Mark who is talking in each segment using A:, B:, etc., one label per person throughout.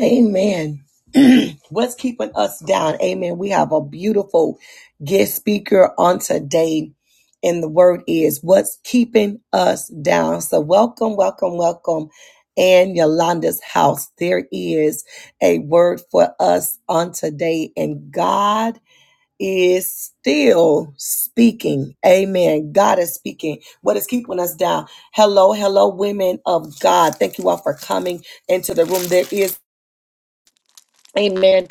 A: Amen. What's keeping us down? Amen. We have a beautiful guest speaker on today, and the word is what's keeping us down. So, welcome, welcome, welcome. And Yolanda's house. There is a word for us on today, and God is still speaking. Amen. God is speaking. What is keeping us down? Hello, hello, women of God. Thank you all for coming into the room. There is Amen.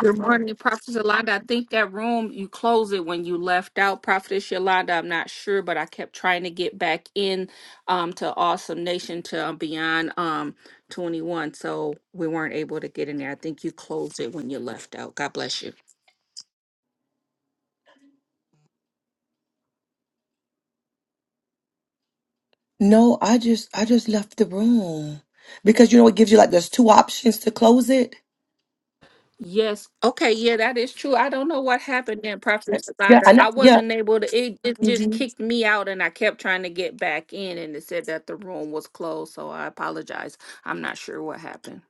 B: Good morning, Prophet Yolanda. I think that room you closed it when you left out, Prophetess Yolanda. I'm not sure, but I kept trying to get back in um, to Awesome Nation to um, Beyond um, 21, so we weren't able to get in there. I think you closed it when you left out. God bless you.
A: No, I just I just left the room because you know it gives you like there's two options to close it.
B: Yes. Okay. Yeah, that is true. I don't know what happened then, Prophet
A: Yeah.
B: Yolanda.
A: And I, know.
B: I
A: yeah,
B: wasn't able to. It, it Mhm. just
A: hmm
B: kicked me out, and I kept trying to get back in, and it said that the room was closed. So I apologize. I'm not sure what happened.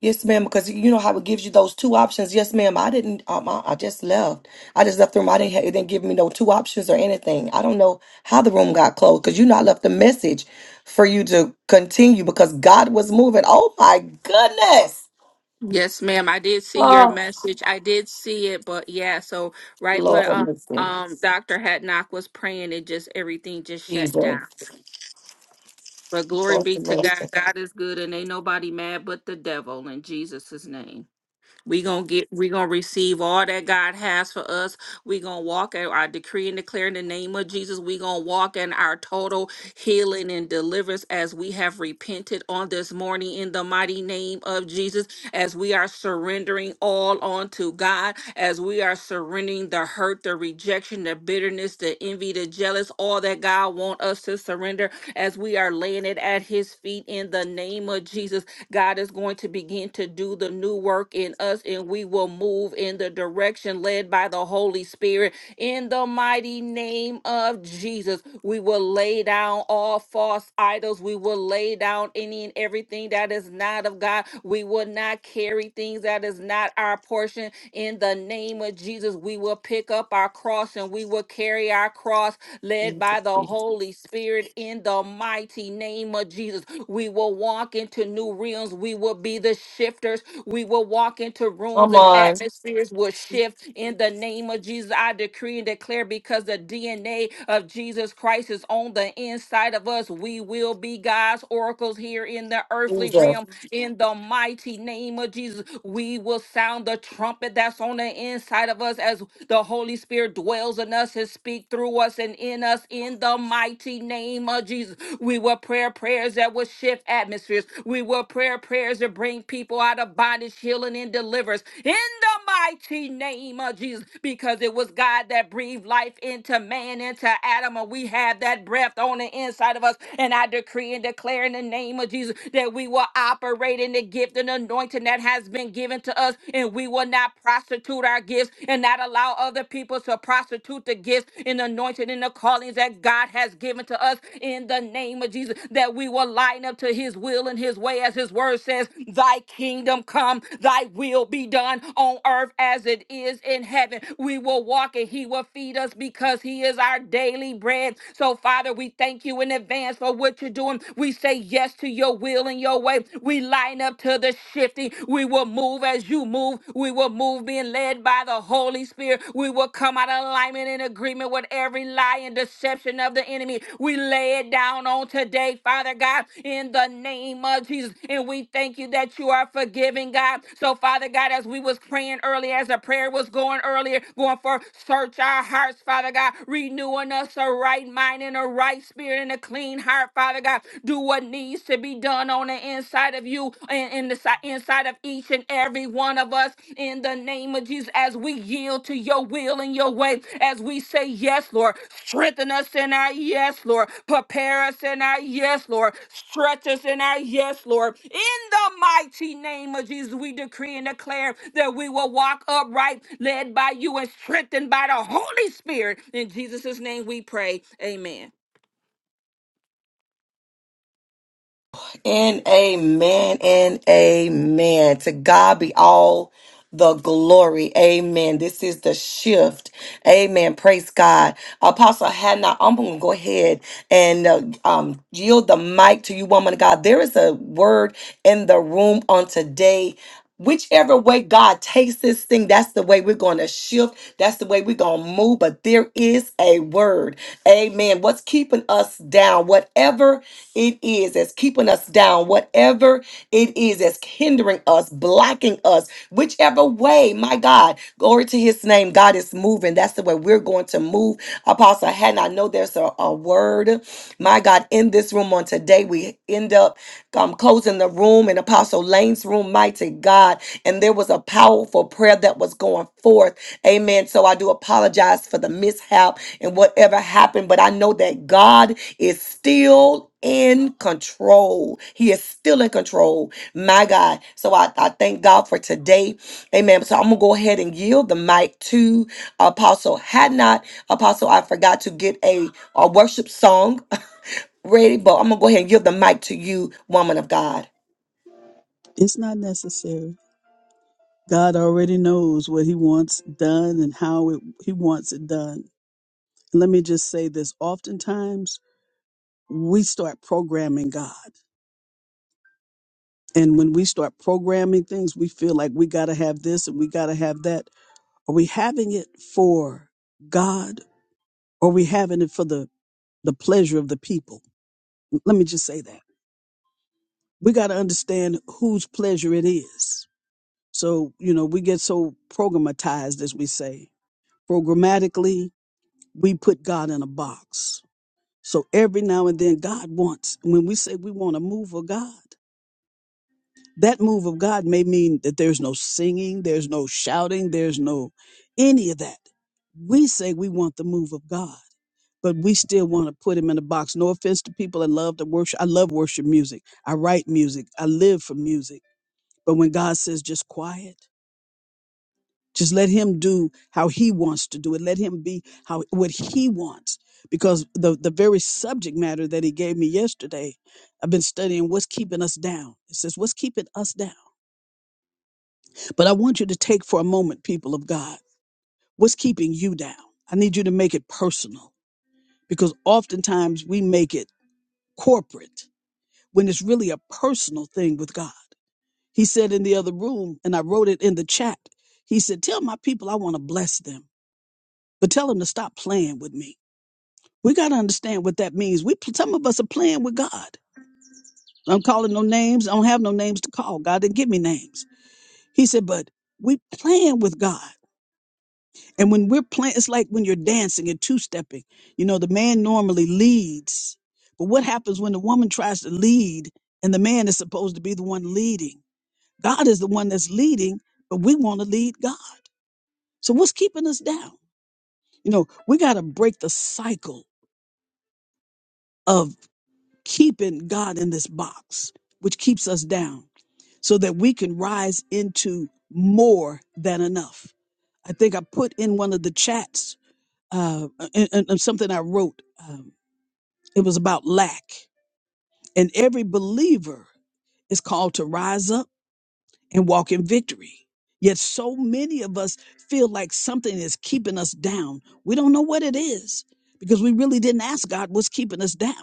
A: yes, ma'am. Because you know how it gives you those two options. Yes, ma'am. I didn't. Um, I, I just left. I just left the room. I didn't. ha- It didn't give me no two options or anything. I don't know how the room got closed because you know I left a message for you to continue because God was moving. Oh my goodness,
B: Yes, ma'am. I did see your
A: Oh,
B: message. I did see it, but yeah, so right when
A: Lord have
B: um,
A: mercy.
B: um Dr. Hatnock was praying, it just everything just shut
A: Jesus.
B: down. But glory
A: Lord
B: be
A: have
B: to God.
A: mercy.
B: God is good and ain't nobody mad but the devil in Jesus' name. We gonna get, we gonna receive all that God has for us. We gonna walk out our decree and declare in the name of Jesus. We gonna walk in our total healing and deliverance as we have repented on this morning in the mighty name of Jesus. As we are surrendering all onto God, as we are surrendering the hurt, the rejection, the bitterness, the envy, the jealous, all that God want us to surrender, as we are laying it at His feet in the name of Jesus God is going to begin to do the new work in us, and we will move in the direction led by the Holy Spirit. In the mighty name of Jesus, we will lay down all false idols. We will lay down any and everything that is not of God. We will not carry things that is not our portion. In the name of Jesus, we will pick up our cross and we will carry our cross led by the Holy Spirit in the mighty mighty name of Jesus. We will walk into new realms. We will be the shifters. We will walk into rooms
A: Come
B: and
A: on,
B: atmospheres will shift in the name of Jesus. I decree and declare because the DNA of Jesus Christ is on the inside of us. We will be God's oracles here in the earthly
A: Jesus.
B: realm. In the mighty name of Jesus, we will sound the trumpet that's on the inside of us as the Holy Spirit dwells in us and speak through through us and in us in the mighty name of Jesus. We will pray prayers that will shift atmospheres. We will pray prayers that bring people out of bondage, healing, and deliverance in the mighty name of Jesus because it was God that breathed life into man, into Adam, and we have that breath on the inside of us. And I decree and declare in the name of Jesus that we will operate in the gift and anointing that has been given to us, and we will not prostitute our gifts gifts and not allow other people to prostitute the gifts and anointing and the callings that God has given to us in the name of Jesus. That we will line up to his will and his way, as his word says, Thy kingdom come, thy will be done on earth as it is in heaven. We will walk and he will feed us because he is our daily bread. So, Father, we thank you in advance for what you're doing. We say yes to your will and your way. We line up to the shifting. We will move as you move. We will move being led by the Holy Spirit. We will come out of alignment and agreement with every lie and deception of the enemy. We lay it down on today, Father God, in the name of Jesus. And we thank you that you are forgiving, God. So, Father God, as we was praying earlier, as the prayer was going earlier, going for search our hearts, Father God, renewing us a right mind and a right spirit and a clean heart, Father God. Do what needs needs to be done on the inside of you and in the si- inside of each and every one of us in the name of Jesus as we yield to your will and your way as we say yes Lord strengthen us in our yes Lord prepare us in our yes Lord stretch us in our yes Lord in the mighty name of Jesus we decree and declare that we will walk upright led by you and strengthened by the Holy Spirit in Jesus' name we pray amen
A: And amen and amen. To God be all the glory. Amen. This is the shift. Amen. Praise God. Apostle Hannah, I'm going to go ahead and uh, um, yield the mic to you, woman of God. There is a word in the room on today. Whichever way God takes this thing, that's the way we're going to shift. That's the way we're going to move. But there is a word. Amen. What's keeping us down, whatever it is that's keeping us down, whatever it is that's hindering us, blocking us, whichever way, my God, glory to his name, God is moving. That's the way we're going to move. Apostle Haddon, I know there's a, a word, my God, in this room on today. We end up um, closing the room in Apostle Lane's room, mighty God. And there was a powerful prayer that was going forth. Amen. So I do apologize for the mishap and whatever happened, but I know that God is still in control. He is still in control. My God. So I, I thank God for today. Amen. So I'm going to go ahead and yield the mic to Apostle Had Not. Apostle, I forgot to get a, a worship song ready, but I'm gonna go ahead and give the mic to you, woman of God.
C: It's not necessary. God already knows what He wants done and how it, He wants it done. Let me just say this oftentimes we start programming God. And when we start programming things, we feel like we got to have this and we got to have that. Are we having it for God or are we having it for the, the pleasure of the people? Let me just say that. We got to understand whose pleasure it is. So, you know, we get so programatized, as we say, programmatically we put God in a box. So every now and then, God wants, when we say we want a move of God, that move of God may mean that there's no singing, there's no shouting, there's no any of that. We say we want the move of God, but we still want to put him in a box. No offense to people that love to worship. I love worship music. I write music. I live for music. But when God says just quiet, Just let him do how he wants to do it. Let him be how what he wants. Because the the very subject matter that he gave me yesterday, I've been studying what's keeping us down. It says, What's keeping us down? But I want you to take for a moment, people of God, what's keeping you down? I need you to make it personal because oftentimes we make it corporate when it's really a personal thing with God. He said in the other room, and I wrote it in the chat, he said, Tell my people I want to bless them. but tell them to stop playing with me. We got to understand what that means. We some of us are playing with God. I'm calling no names. I don't have no names to call. God didn't give me names. He said, but we playing with God. And when we're playing, it's like when you're dancing and two-stepping. You know, the man normally leads, but what happens when the woman tries to lead and the man is supposed to be the one leading? God is the one that's leading, but we want to lead God. So what's keeping us down? You know, we got to break the cycle of. keeping God in this box, which keeps us down, so that we can rise into more than enough. I think I put in one of the chats uh, and, and- and something I wrote. Um, it was about lack. And every believer is called to rise up and walk in victory. Yet so many of us feel like something is keeping us down. We don't know what it is because we really didn't ask God what's keeping us down.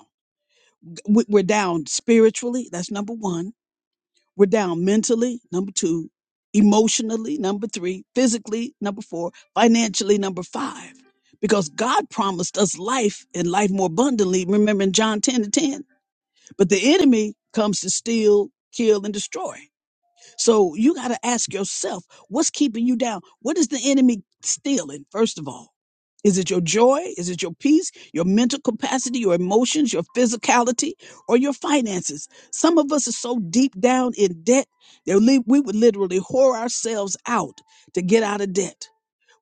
C: We- We're down spiritually, that's number one We're down mentally, number two, emotionally, number three, physically, number four, financially, number five. Because God promised us life and life more abundantly. Remember in John 10 to 10. But the enemy comes to steal, kill, and destroy. So you got to ask yourself, what's keeping you down? What is the enemy stealing, first of all? Is it your joy? Is it your peace, your mental capacity, your emotions, your physicality, or your finances? Some of us are so deep down in debt that li- we would literally whore ourselves out to get out of debt.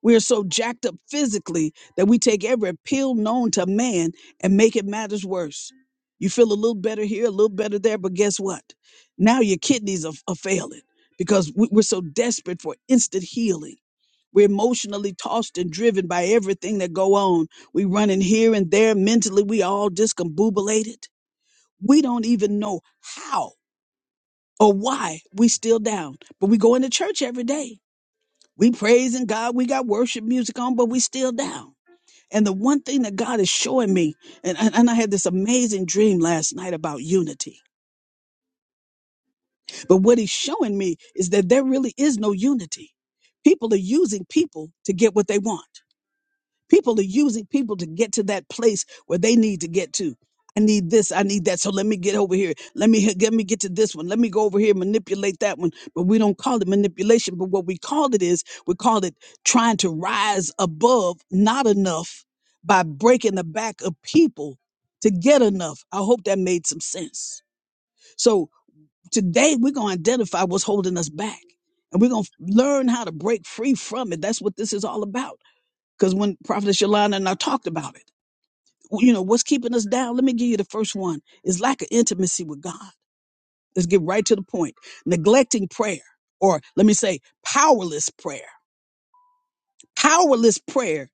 C: We are so jacked up physically that we take every pill known to man and make it matters worse. You feel a little better here, a little better there, but guess what? Now your kidneys are, are failing because we- we're so desperate for instant healing. We're emotionally tossed and driven by everything that go on. We run in here and there. Mentally, we all discombobulated. We don't even know how or why we still down, but we go into church every day. We praising God. We got worship music on, but we still down. And the one thing that God is showing me, and, and, and I had this amazing dream last night about unity. But what he's showing me is that there really is no unity. People are using people to get what they want. People are using people to get to that place where they need to get to. I need this, I need that. So let me get over here. Let me let me get to this one. Let me go over here, manipulate that one. But we don't call it manipulation. But what we call it is we call it trying to rise above not enough by breaking the back of people to get enough. I hope that made some sense. So today we're gonna identify what's holding us back. And we're gonna learn how to break free from it. That's what this is all about because when Prophetess Yolanda and I talked about it, you know, what's keeping us down? Let me give you the first one is lack of intimacy with God. Let's get right to the point. Neglecting prayer, or let me say, powerless prayer. Powerless prayer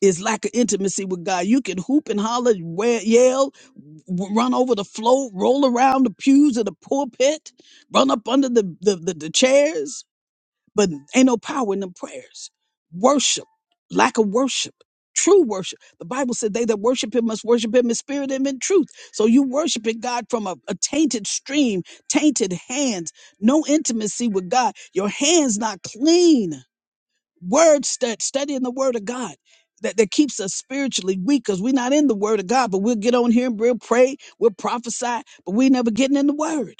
C: is lack of intimacy with God. You can hoop and holler, we- yell, w- run over the floor, roll around the pews of the pulpit, run up under the, the, the, the chairs But ain't no power in them prayers. Worship, lack of worship, true worship. The Bible said they that worship him must worship him in spirit and in truth. So you worshiping God from a, a tainted stream, tainted hands, no intimacy with God. Your hands not clean. Word stud, studying the word of God. That, that keeps us spiritually weak because we're not in the word of God, but we'll get on here and we'll pray, we'll prophesy, but we never getting in the word.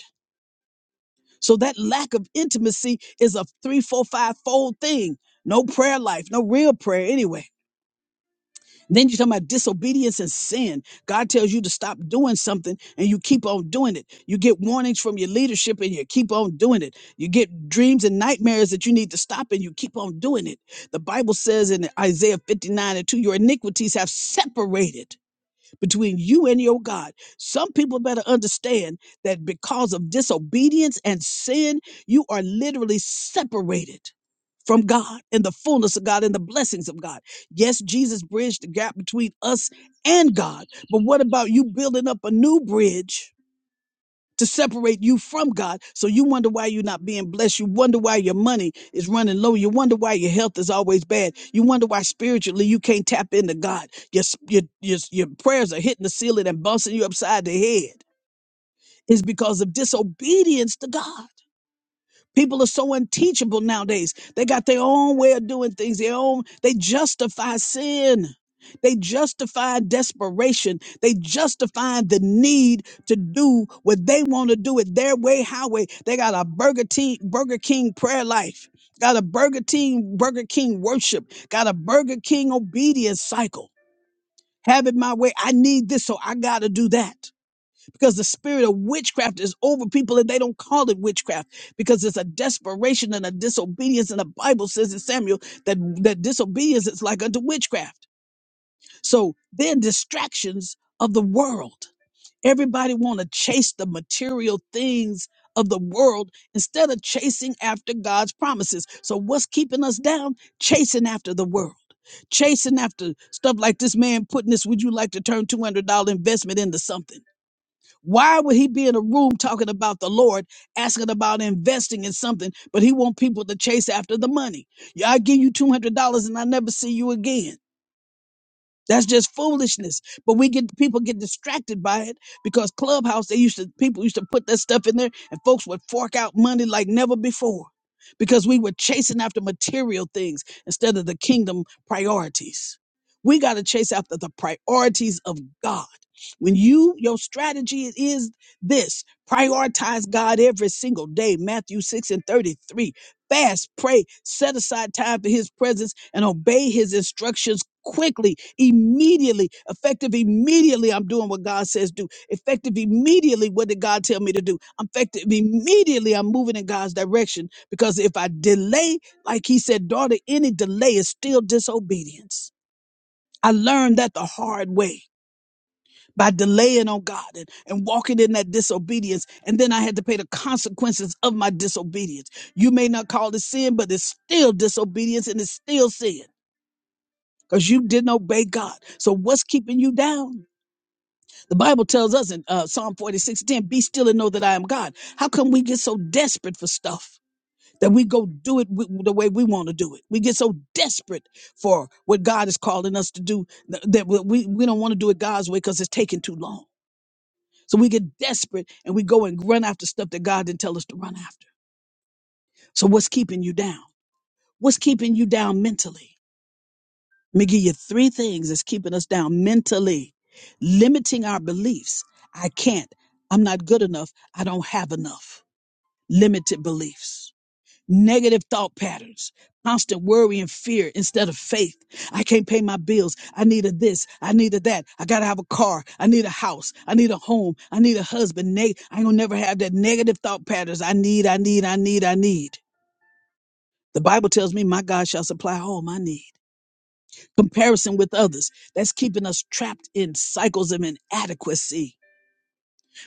C: So that lack of intimacy is a three, four, five fold thing. No prayer life, no real prayer anyway. Then you're talking about disobedience and sin. God tells you to stop doing something and you keep on doing it. You get warnings from your leadership and you keep on doing it. You get dreams and nightmares that you need to stop and you keep on doing it. The Bible says in Isaiah 59 and 2, your iniquities have separated between you and your God. Some people better understand that because of disobedience and sin, you are literally separated from God and the fullness of God and the blessings of God. Yes, Jesus bridged the gap between us and God, but what about you building up a new bridge? to separate you from God. So you wonder why you're not being blessed. You wonder why your money is running low. You wonder why your health is always bad. You wonder why spiritually you can't tap into God. Your s- your your, your prayers are hitting the ceiling and bouncing you upside the head. It's because of disobedience to God. People are so unteachable nowadays. They got their own way of doing things, their own, they justify sin. They justify desperation. They justify the need to do what they want to do it their way, highway. They got a Burger King, Burger King prayer life, got a Burger King, Burger King worship, got a Burger King obedience cycle. Have it my way. I need this, so I got to do that because the spirit of witchcraft is over people and they don't call it witchcraft because it's a desperation and a disobedience. And the Bible says in Samuel that, that disobedience is like unto witchcraft. So they're distractions of the world. Everybody want to chase the material things of the world instead of chasing after God's promises. So what's keeping us down? Chasing after the world. Chasing after stuff like this man putting this, would you like to turn $200 investment into something? Why would he be in a room talking about the Lord, asking about investing in something, but he want people to chase after the money? Yeah, I give you two hundred dollars and I never see you again. That's just foolishness. But we get people get distracted by it because Clubhouse, they used to people used to put that stuff in there and folks would fork out money like never before because we were chasing after material things instead of the kingdom priorities. We got to chase after the priorities of God. When you your strategy is this, prioritize God every single day. Matthew 6 and 33. Fast, pray, set aside time for his presence, and obey his instructions quickly, immediately, effective immediately. I'm doing what God says do. Effective immediately, what did God tell me to do? Effective immediately, I'm moving in God's direction because if I delay, like he said, daughter, any delay is still disobedience. I learned that the hard way by delaying on God and, and walking in that disobedience. And then I had to pay the consequences of my disobedience. You may not call it sin, but it's still disobedience and it's still sin because you didn't obey God. So what's keeping you down? The Bible tells us in uh, Psalm 46, 10: be still and know that I am God. How come we get so desperate for stuff? That we go do it w- the way we want to do it. We get so desperate for what God is calling us to do th- that we, we we don't want to do it God's way because it's taking too long. So we get desperate and we go and run after stuff that God didn't tell us to run after. So what's keeping you down? What's keeping you down mentally? Let me give you three things that's keeping us down mentally. Limiting our beliefs. I can't. I'm not good enough. I don't have enough. Limited beliefs. negative thought patterns, constant worry and fear instead of faith. I can't pay my bills. I need a this. I need a that. I gotta have a car. I need a house. I need a home. I need a husband. Neg- I ain't gonna never have that negative thought patterns. I need, I need, I need, I need. The Bible tells me my God shall supply all my need. Comparison with others. That's keeping us trapped in cycles of inadequacy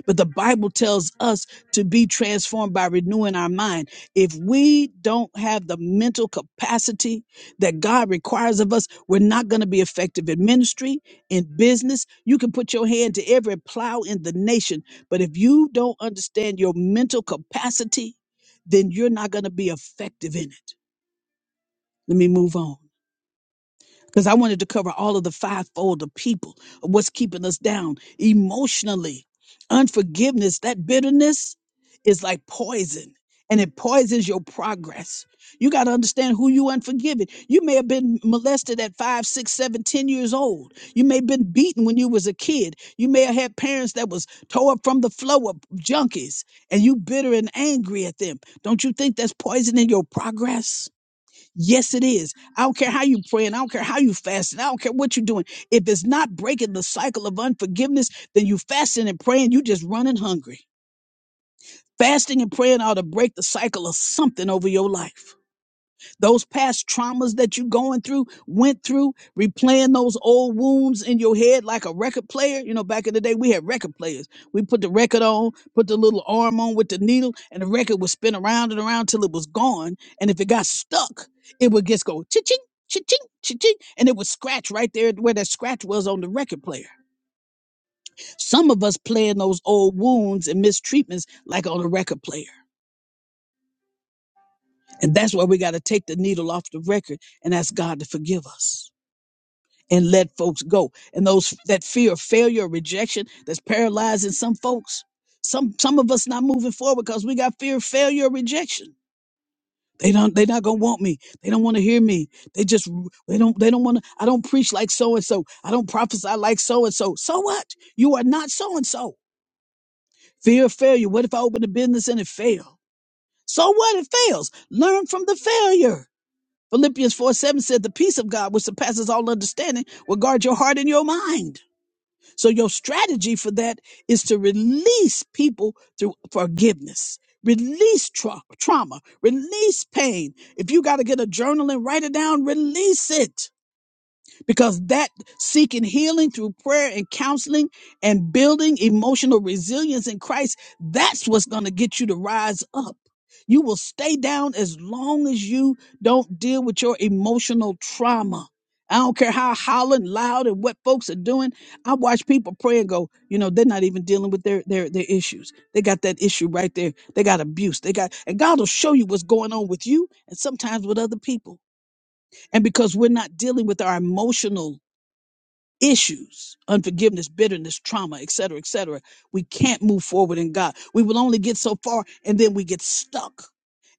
C: but the Bible tells us to be transformed by renewing our mind. If we don't have the mental capacity that God requires of us, we're not going to be effective in ministry, in business. You can put your hand to every plow in the nation, but if you don't understand your mental capacity, then you're not going to be effective in it. Let me move on because I wanted to cover all of the fivefold of people, of what's keeping us down emotionally. Unforgiveness, that bitterness is like poison and it poisons your progress. You got to understand who you unforgiving. You may have been molested at five, six, seven, ten years old. You may have been beaten when you was a kid. You may have had parents that was tore up from the flow of junkies and you bitter and angry at them. Don't you think that's poisoning your progress? Yes, it is. I don't care how you praying. I don't care how you fasting. I don't care what you're doing. If it's not breaking the cycle of unforgiveness, then you fasting and praying, you just running hungry. Fasting and praying ought to break the cycle of something over your life those past traumas that you are going through went through replaying those old wounds in your head like a record player you know back in the day we had record players we put the record on put the little arm on with the needle and the record would spin around and around till it was gone and if it got stuck it would just go ching, ching ching ching and it would scratch right there where that scratch was on the record player some of us playing those old wounds and mistreatments like on a record player and that's why we got to take the needle off the record and ask god to forgive us and let folks go. And those that fear of failure or rejection that's paralyzing some folks. Some some of us not moving forward because we got fear of failure or rejection. They don't they not gonna want me. They don't want to hear me. They just they don't they don't want to I don't preach like so and so. I don't prophesy like so and so. So what? You are not so and so. Fear of failure. What if I open a business and it fail? So what? It fails. Learn from the failure. Philippians 4 7 said the peace of God which surpasses all understanding will guard your heart and your mind. So your strategy for that is to release people through forgiveness. Release tra- trauma, release pain. If you got to get a journal and write it down, release it because that seeking healing through prayer and counseling and building emotional resilience in Christ, that's what's going to get you to rise up. You will stay down as long as you don't deal with your emotional trauma. I don't care how howling loud and what folks are doing. I watch people pray and go, you know, they're not even dealing with their their their issues. They got that issue right there. They got abuse. They got and God will show you what's going on with you and sometimes with other people. And because we're not dealing with our emotional issues, unforgiveness, bitterness, trauma, et cetera, et cetera. We can't move forward in God. We will only get so far and then we get stuck.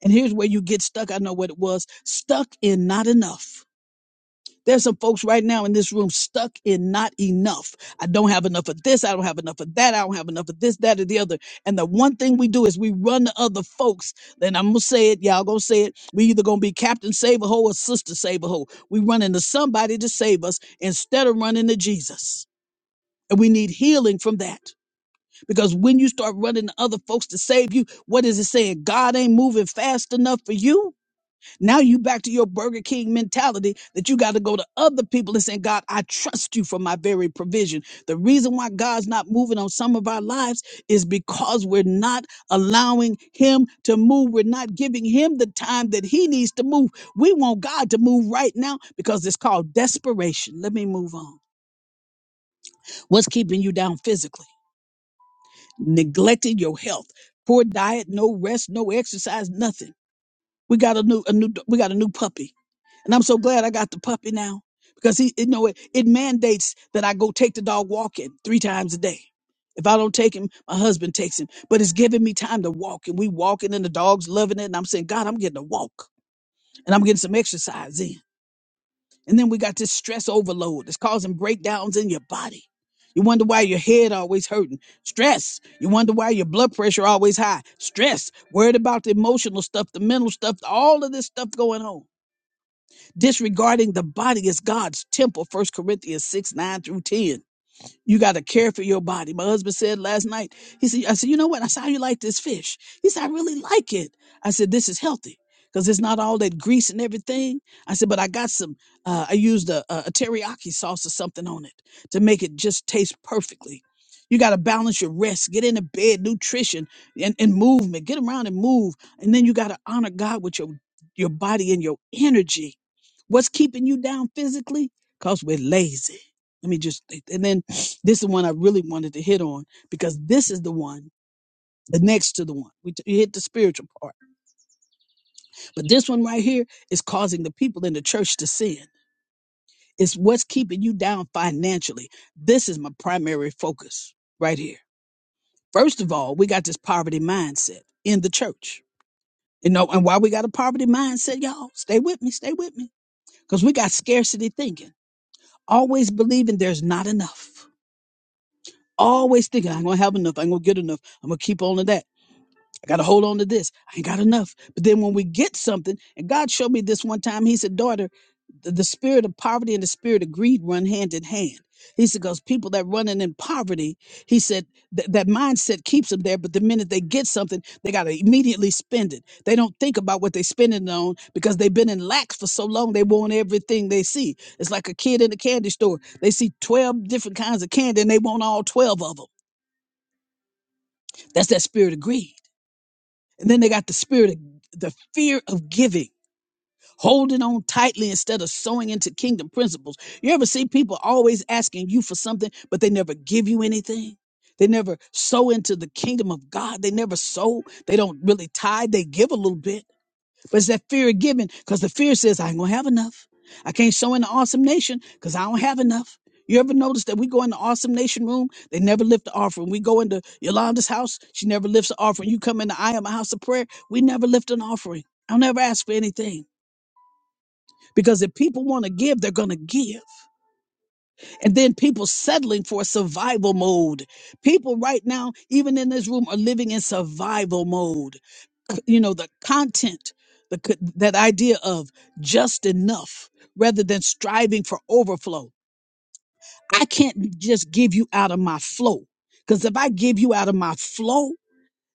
C: And here's where you get stuck. I know what it was stuck in not enough. There's some folks right now in this room stuck in not enough. I don't have enough of this. I don't have enough of that. I don't have enough of this, that, or the other. And the one thing we do is we run to other folks. Then I'm going to say it. Y'all going to say it. We either going to be Captain Save a Hole or Sister Save a Hole. We run into somebody to save us instead of running to Jesus. And we need healing from that. Because when you start running to other folks to save you, what is it saying? God ain't moving fast enough for you. Now you back to your Burger King mentality that you got to go to other people and say, God, I trust you for my very provision. The reason why God's not moving on some of our lives is because we're not allowing him to move. We're not giving him the time that he needs to move. We want God to move right now because it's called desperation. Let me move on. What's keeping you down physically? neglected your health, poor diet, no rest, no exercise, nothing. We got a new, a new, we got a new puppy, and I'm so glad I got the puppy now because he, you know, it, it mandates that I go take the dog walking three times a day. If I don't take him, my husband takes him, but it's giving me time to walk, and we walking, and the dog's loving it, and I'm saying, God, I'm getting a walk, and I'm getting some exercise in. And then we got this stress overload that's causing breakdowns in your body. You wonder why your head always hurting. Stress. You wonder why your blood pressure always high. Stress. Worried about the emotional stuff, the mental stuff, all of this stuff going on. Disregarding the body as God's temple, First Corinthians 6, 9 through 10. You got to care for your body. My husband said last night, he said, I said, you know what? I saw you like this fish. He said, I really like it. I said, this is healthy because it's not all that grease and everything. I said, but I got some, uh, I used a, a, a teriyaki sauce or something on it to make it just taste perfectly. You got to balance your rest, get into bed, nutrition, and, and movement. Get around and move. And then you got to honor God with your, your body and your energy. What's keeping you down physically? Because we're lazy. Let me just, and then this is the one I really wanted to hit on because this is the one, the next to the one. We t- you hit the spiritual part. But this one right here is causing the people in the church to sin. It's what's keeping you down financially. This is my primary focus right here. First of all, we got this poverty mindset in the church. You know, and why we got a poverty mindset, y'all? Stay with me, stay with me. Because we got scarcity thinking, always believing there's not enough. Always thinking, I'm going to have enough, I'm going to get enough, I'm going to keep on to that. I got to hold on to this. I ain't got enough. But then when we get something, and God showed me this one time, He said, Daughter, th- the spirit of poverty and the spirit of greed run hand in hand. He said, Because people that running in poverty, He said, th- that mindset keeps them there. But the minute they get something, they got to immediately spend it. They don't think about what they're spending it on because they've been in lack for so long, they want everything they see. It's like a kid in a candy store. They see 12 different kinds of candy and they want all 12 of them. That's that spirit of greed. And then they got the spirit of the fear of giving, holding on tightly instead of sowing into kingdom principles. You ever see people always asking you for something, but they never give you anything? They never sow into the kingdom of God. They never sow. They don't really tithe. They give a little bit but it's that fear of giving because the fear says, I ain't going to have enough. I can't sow in the awesome nation because I don't have enough. You ever notice that we go in the awesome nation room? They never lift the offering. We go into Yolanda's house. She never lifts the offering. You come in the I Am a house of prayer. We never lift an offering. I'll never ask for anything because if people want to give, they're going to give. And then people settling for survival mode. People right now, even in this room, are living in survival mode you know the content the co- that idea of just enough rather than striving for overflow i can't just give you out of my flow because if i give you out of my flow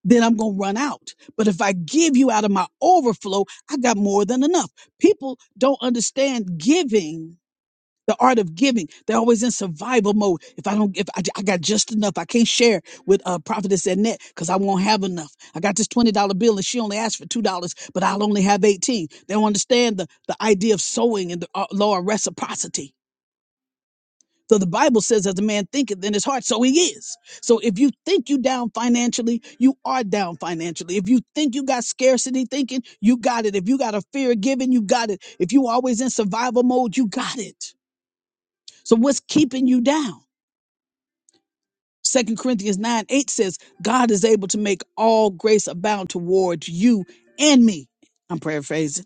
C: then i'm going to run out but if i give you out of my overflow i got more than enough people don't understand giving the art of giving they're always in survival mode if i don't if i, I got just enough i can't share with uh prophetess annette because i won't have enough i got this $20 bill and she only asked for $2 but i'll only have 18 they don't understand the, the idea of sowing and the uh, law of reciprocity so the bible says as a man thinketh in his heart so he is so if you think you down financially you are down financially if you think you got scarcity thinking you got it if you got a fear of giving you got it if you always in survival mode you got it so what's keeping you down? Second Corinthians 9 8 says, God is able to make all grace abound towards you and me. I'm paraphrasing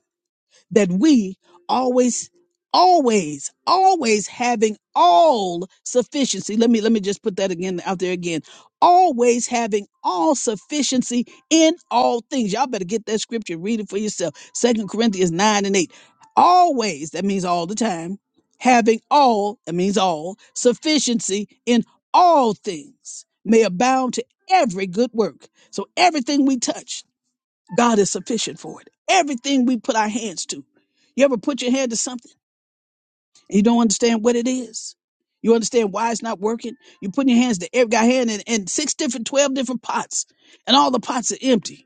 C: that we always always always having all sufficiency let me let me just put that again out there again always having all sufficiency in all things y'all better get that scripture read it for yourself second corinthians 9 and 8 always that means all the time having all that means all sufficiency in all things may abound to every good work so everything we touch God is sufficient for it. Everything we put our hands to. You ever put your hand to something and you don't understand what it is? You understand why it's not working? You're putting your hands to every guy hand in, in six different, 12 different pots, and all the pots are empty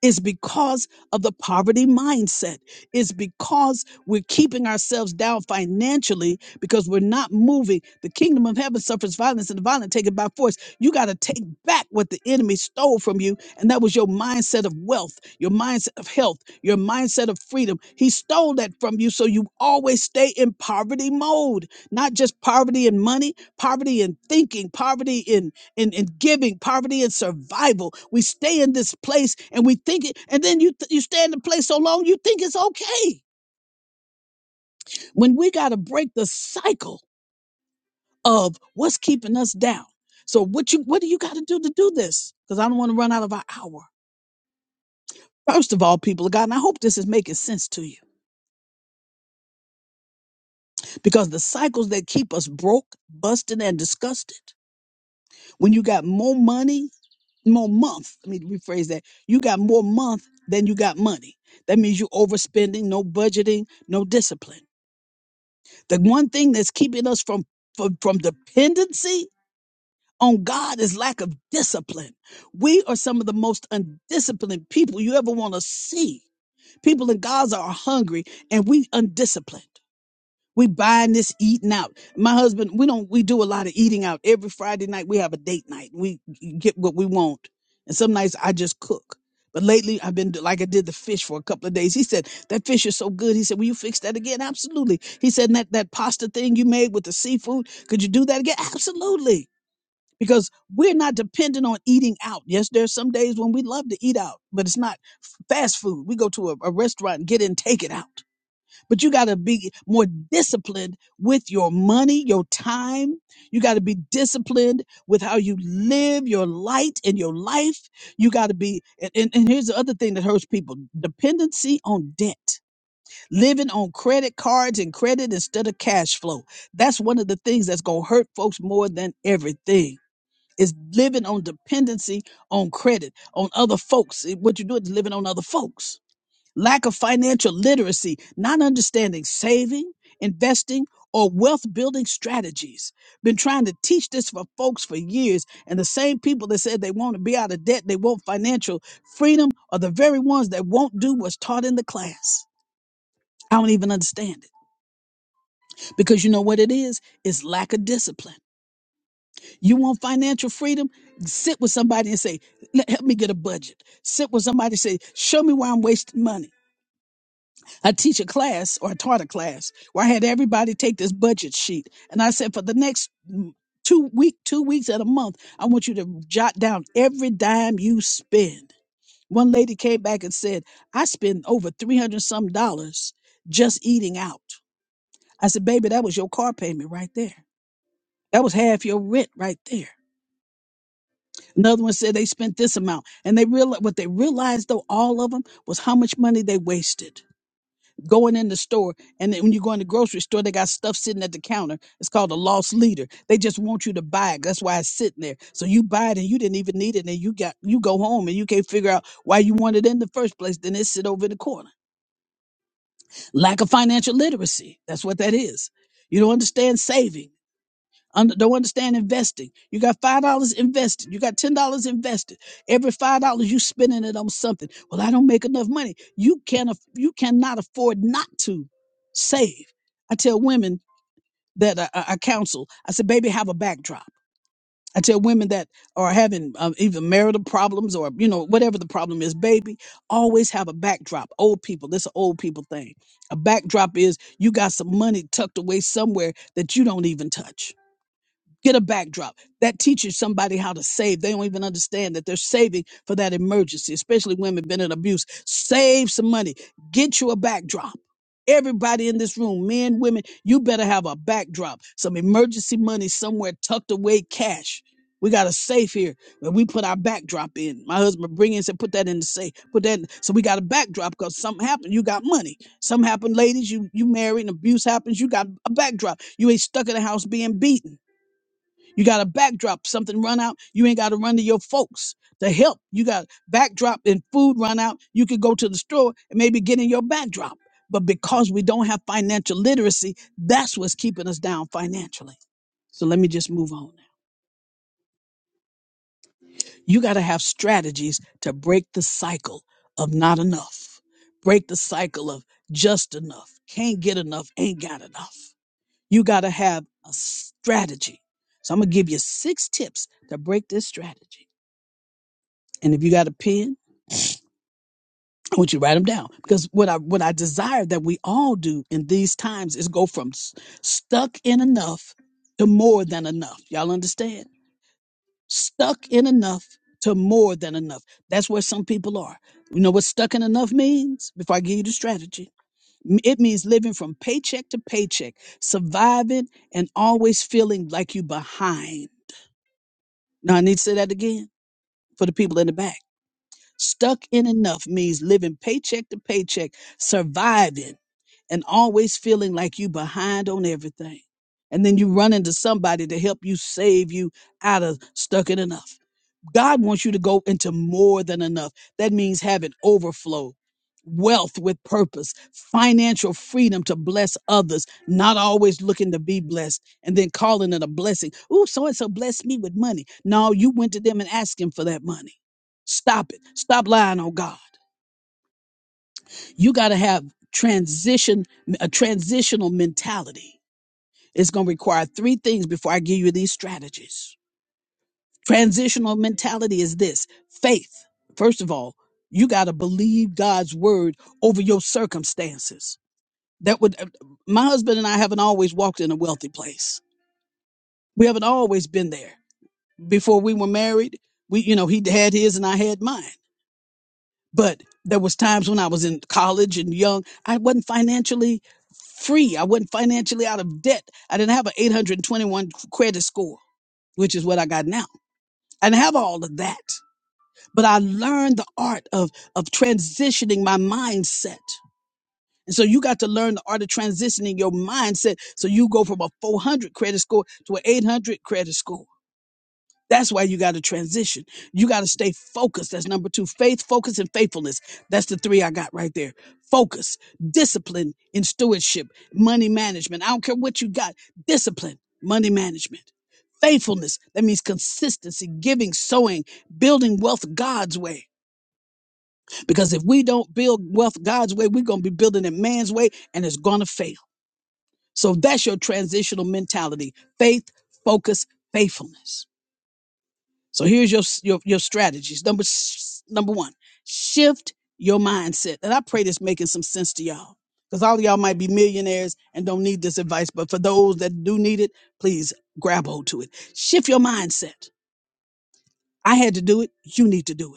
C: it's because of the poverty mindset. It's because we're keeping ourselves down financially because we're not moving. The kingdom of heaven suffers violence and the violent take it by force. You got to take back what the enemy stole from you. And that was your mindset of wealth, your mindset of health, your mindset of freedom. He stole that from you. So you always stay in poverty mode, not just poverty in money, poverty in thinking, poverty in and, and giving, poverty and survival. We stay in this place and we think it, and then you th- you stay in the place so long you think it's okay. When we got to break the cycle of what's keeping us down. So what you what do you got to do to do this? Because I don't want to run out of our hour. First of all, people of God, and I hope this is making sense to you, because the cycles that keep us broke, busted, and disgusted. When you got more money more month. Let me rephrase that. You got more month than you got money. That means you overspending, no budgeting, no discipline. The one thing that's keeping us from from, from dependency on God is lack of discipline. We are some of the most undisciplined people you ever want to see. People in Gaza are hungry and we undisciplined. We buying this eating out. My husband, we don't we do a lot of eating out. Every Friday night we have a date night. We get what we want. And some nights I just cook. But lately I've been like I did the fish for a couple of days. He said, That fish is so good. He said, Will you fix that again? Absolutely. He said, "And that, that pasta thing you made with the seafood, could you do that again? Absolutely. Because we're not dependent on eating out. Yes, there's some days when we love to eat out, but it's not f- fast food. We go to a, a restaurant and get in, take it out but you got to be more disciplined with your money, your time. You got to be disciplined with how you live your light and your life. You got to be, and, and and here's the other thing that hurts people dependency on debt, living on credit cards and credit instead of cash flow. That's one of the things that's going to hurt folks more than everything. Is living on dependency on credit, on other folks. What you're doing is living on other folks lack of financial literacy, not understanding saving, investing, or wealth building strategies. Been trying to teach this for folks for years, and the same people that said they want to be out of debt, they want financial freedom, are the very ones that won't do what's taught in the class. I don't even understand it because you know what it is? It's lack of discipline. You want financial freedom? Sit with somebody and say, "Let- Help me get a budget. Sit with somebody and say, Show me why I'm wasting money. I teach a class or I taught a class where I had everybody take this budget sheet. And I said, for the next mm, two week, two weeks at a month, I want you to jot down every dime you spend. One lady came back and said, I spend over 300 some dollars just eating out. I said, baby, that was your car payment right there. That was half your rent right there. Another one said they spent this amount. And they real what they realized though, all of them was how much money they wasted going in the store and then when you go in the grocery store they got stuff sitting at the counter it's called a lost leader they just want you to buy it that's why it's sitting there so you buy it and you didn't even need it and you got you go home and you can't figure out why you want it in the first place then it sit over in the corner lack of financial literacy that's what that is you don't understand saving under, don't understand investing. You got five dollars invested. You got ten dollars invested. Every five dollars you spending it on something. Well, I don't make enough money. You can not you cannot afford not to save. I tell women that I, I I counsel. I said, baby, have a backdrop. I tell women that are having um, even marital problems or you know whatever the problem is, baby, always have a backdrop. Old people, this an old people thing. A backdrop is you got some money tucked away somewhere that you don't even touch get a backdrop that teaches somebody how to save they don't even understand that they're saving for that emergency especially women been in abuse save some money get you a backdrop everybody in this room men women you better have a backdrop some emergency money somewhere tucked away cash we got a safe here that we put our backdrop in. My husband bring in said, put that in the safe. Put that in. So we got a backdrop because something happened. You got money. Something happened, ladies. You you married and abuse happens. You got a backdrop. You ain't stuck in the house being beaten. You got a backdrop, something run out. You ain't got to run to your folks to help. You got backdrop and food run out. You could go to the store and maybe get in your backdrop. But because we don't have financial literacy, that's what's keeping us down financially. So let me just move on. You got to have strategies to break the cycle of not enough, break the cycle of just enough, can't get enough, ain't got enough. You got to have a strategy. So I'm going to give you six tips to break this strategy. And if you got a pen, I want you to write them down because what I what I desire that we all do in these times is go from s- stuck in enough to more than enough. Y'all understand? Stuck in enough to more than enough. That's where some people are. You know what stuck in enough means? Before I give you the strategy, M- it means living from paycheck to paycheck, surviving, and always feeling like you behind. Now I need to say that again for the people in the back Stuck in enough means living paycheck to paycheck, surviving and always feeling like you behind on everything. And then you run into somebody to help you save you out of stuck in enough. God wants you to go into more than enough. That means having overflow, wealth with purpose, financial freedom to bless others, not always looking to be blessed and then calling it a blessing. Ooh, so and so blessed me with money. No, you went to them and asked him for that money. Stop it. Stop lying on God you got to have transition a transitional mentality it's going to require three things before i give you these strategies transitional mentality is this faith first of all you got to believe god's word over your circumstances that would uh, my husband and i haven't always walked in a wealthy place we haven't always been there before we were married we you know he had his and i had mine but there was times when i was in college and young i wasn't financially free i wasn't financially out of debt i didn't have an 821 credit score which is what i got now i didn't have all of that but i learned the art of of transitioning my mindset and so you got to learn the art of transitioning your mindset so you go from a 400 credit score to an 800 credit score that's why you got to transition. You got to stay focused. That's number two faith, focus, and faithfulness. That's the three I got right there. Focus, discipline, and stewardship, money management. I don't care what you got, discipline, money management. Faithfulness, that means consistency, giving, sowing, building wealth God's way. Because if we don't build wealth God's way, we're going to be building it man's way and it's going to fail. So that's your transitional mentality faith, focus, faithfulness. So here's your your your strategies. Number s- number one, shift your mindset. And I pray this making some sense to y'all, because all of y'all might be millionaires and don't need this advice. But for those that do need it, please grab hold to it. Shift your mindset. I had to do it. You need to do it.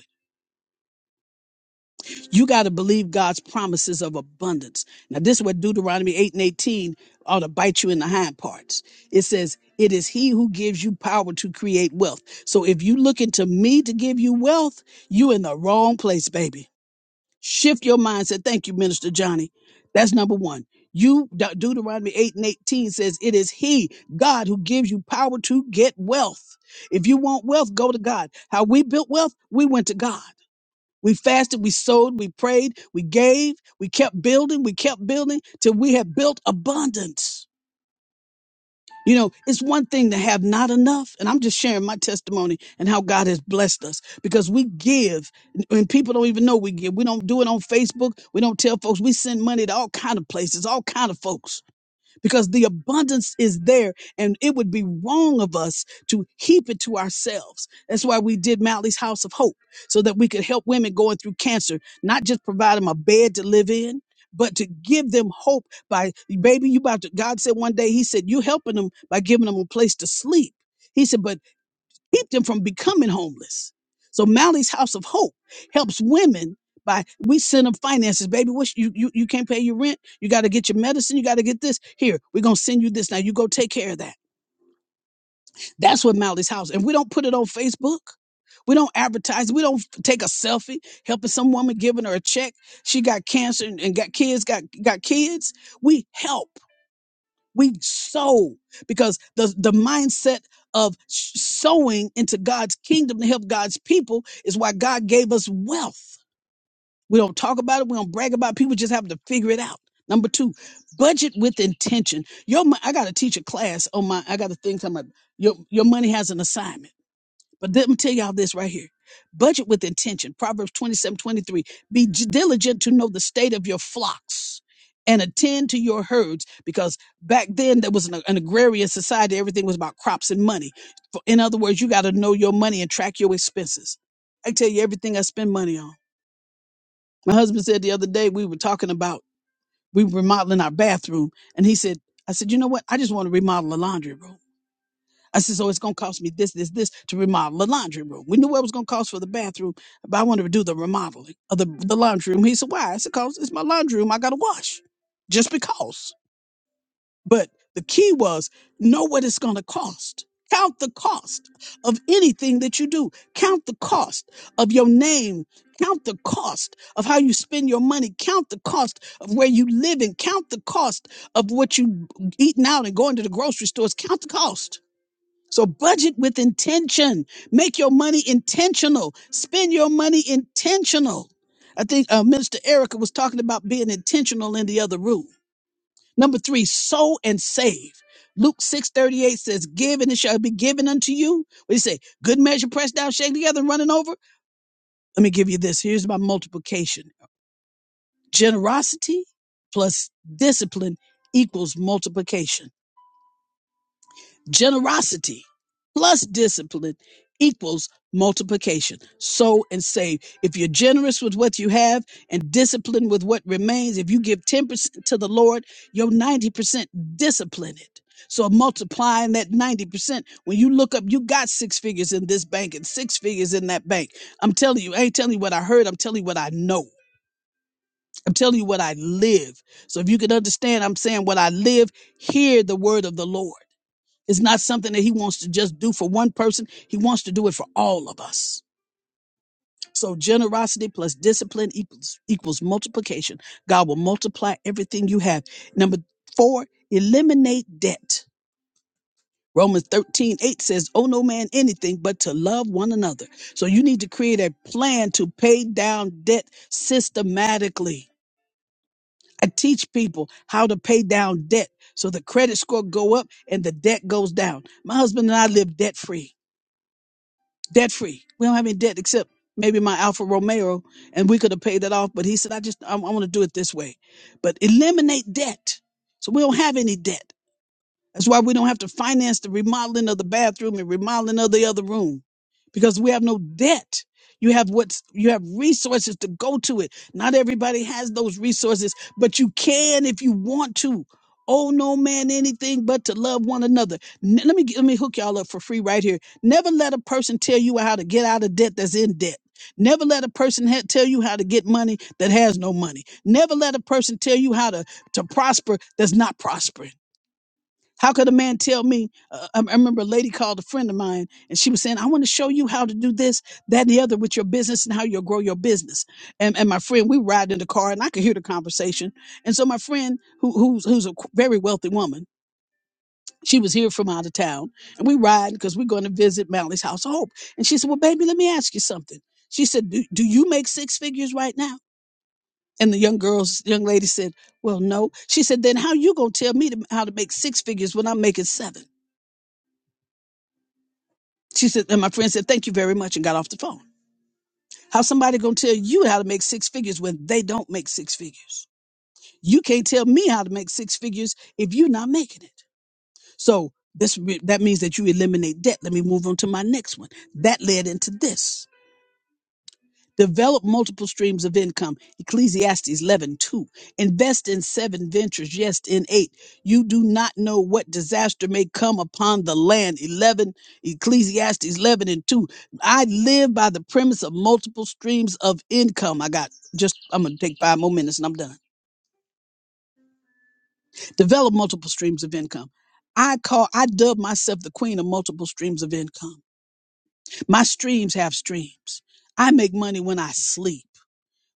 C: You got to believe God's promises of abundance. Now, this is what Deuteronomy 8 and 18 ought to bite you in the hind parts. It says, It is He who gives you power to create wealth. So if you looking to me to give you wealth, you in the wrong place, baby. Shift your mindset. Thank you, Minister Johnny. That's number one. You De- Deuteronomy 8 and 18 says, It is He, God, who gives you power to get wealth. If you want wealth, go to God. How we built wealth, we went to God. We fasted, we sowed, we prayed, we gave, we kept building, we kept building till we had built abundance. You know, it's one thing to have not enough, and I'm just sharing my testimony and how God has blessed us because we give, and people don't even know we give. We don't do it on Facebook. We don't tell folks. We send money to all kind of places, all kind of folks because the abundance is there and it would be wrong of us to heap it to ourselves. That's why we did Mally's House of Hope so that we could help women going through cancer, not just provide them a bed to live in, but to give them hope by, baby, you about to, God said one day, He said, you helping them by giving them a place to sleep. He said, but keep them from becoming homeless. So Mally's House of Hope helps women by we send them finances, baby. What you you you can't pay your rent. You got to get your medicine. You got to get this. Here, we're gonna send you this. Now you go take care of that. That's what Mally's House. And we don't put it on Facebook. We don't advertise. We don't f- take a selfie helping some woman giving her a check. She got cancer and, and got kids. Got got kids. We help. We sow because the, the mindset of s- sowing into God's kingdom to help God's people is why God gave us wealth. We don't talk about it. We don't brag about it. People just have to figure it out. Number two, budget with intention. Your, mo- I got to teach a class on my, I got a thing talking about your, your money has an assignment but let me tell y'all this right here. Budget with intention. Proverbs 27, 23. Be j- diligent to know the state of your flocks and attend to your herds because back then there was an, an agrarian society. Everything was about crops and money. For- In other words, you got to know your money and track your expenses. I tell you everything I spend money on. My husband said the other day, we were talking about, we were remodeling our bathroom. And he said, I said, you know what? I just want to remodel a laundry room. I said, so it's gonna cost me this, this, this to remodel the laundry room. We knew what it was gonna cost for the bathroom, but I wanted to do the remodeling of the, the laundry room. He said, why? I said, cause it's my laundry room. I gotta wash, just because. But the key was know what it's gonna cost. Count the cost of anything that you do. Count the cost of your name. Count the cost of how you spend your money. Count the cost of where you live and count the cost of what you eating out and going to the grocery stores. Count the cost so budget with intention. Make your money intentional. Spend your money intentional. I think uh, Minister Erica was talking about being intentional in the other room. Number three, sow and save. Luke 6:38 says, Give and it shall be given unto you. What do you say? Good measure pressed down, shaken together, and running over. Let me give you this. Here's my multiplication. Generosity plus discipline equals multiplication. Generosity plus discipline equals multiplication. Sow and save. If you're generous with what you have and disciplined with what remains, if you give 10% to the Lord, your 90% discipline it. So multiplying that 90%, when you look up, you got six figures in this bank and six figures in that bank. I'm telling you, I ain't telling you what I heard, I'm telling you what I know. I'm telling you what I live. So if you can understand, I'm saying what I live, hear the word of the Lord. It's not something that he wants to just do for one person. He wants to do it for all of us. So generosity plus discipline equals, equals multiplication. God will multiply everything you have. Number four, eliminate debt. Romans 13 8 says, Oh, no man anything but to love one another. So you need to create a plan to pay down debt systematically. I teach people how to pay down debt so the credit score go up and the debt goes down. My husband and I live debt free. debt free. We don't have any debt except maybe my Alfa Romeo, and we could have paid that off. But he said, I just I, I want to do it this way, but eliminate debt. So we don't have any debt. That's why we don't have to finance the remodeling of the bathroom and remodeling of the other room because we have no debt. You have what's you have resources to go to it. Not everybody has those resources, but you can if you want to. Oh no man anything but to love one another. N- let me let me hook y'all up for free right here. Never let a person tell you how to get out of debt that's in debt. Never let a person ha- tell you how to get money that has no money. Never let a person tell you how to to prosper that's not prospering. How could a man tell me? Uh, I I remember a lady called a friend of mine and she was saying, I want to show you how to do this, that, and the other with your business and how you'll grow your business. And, and my friend, we ride in the car and I could hear the conversation. And so my friend, who, who's, who's a qu- very wealthy woman, she was here from out of town and we ride because we're going to visit Mally's House of Hope. And she said, Well, baby, let me ask you something. She said, Do, do you make six figures right now? And the young girls, young lady said, Well, no. She said, Then how you gonna tell me to, how to make six figures when I'm making seven?" She said, and my friend said, thank you very much, and got off the phone. How somebody gonna tell you how to make six figures when they don't make six figures? You can't tell me how to make six figures if you're not making it. So this re- that means that you eliminate debt. Let me move on to my next one. That led into this. Develop multiple streams of income. Ecclesiastes 11 2. Invest in seven ventures. Yes, in eight. You do not know what disaster may come upon the land. 11, Ecclesiastes 11 and 2. I live by the premise of multiple streams of income. I got just, I'm going to take five more minutes and I'm done. Develop multiple streams of income. I call, I dub myself the queen of multiple streams of income. My streams have streams. I make money when I sleep.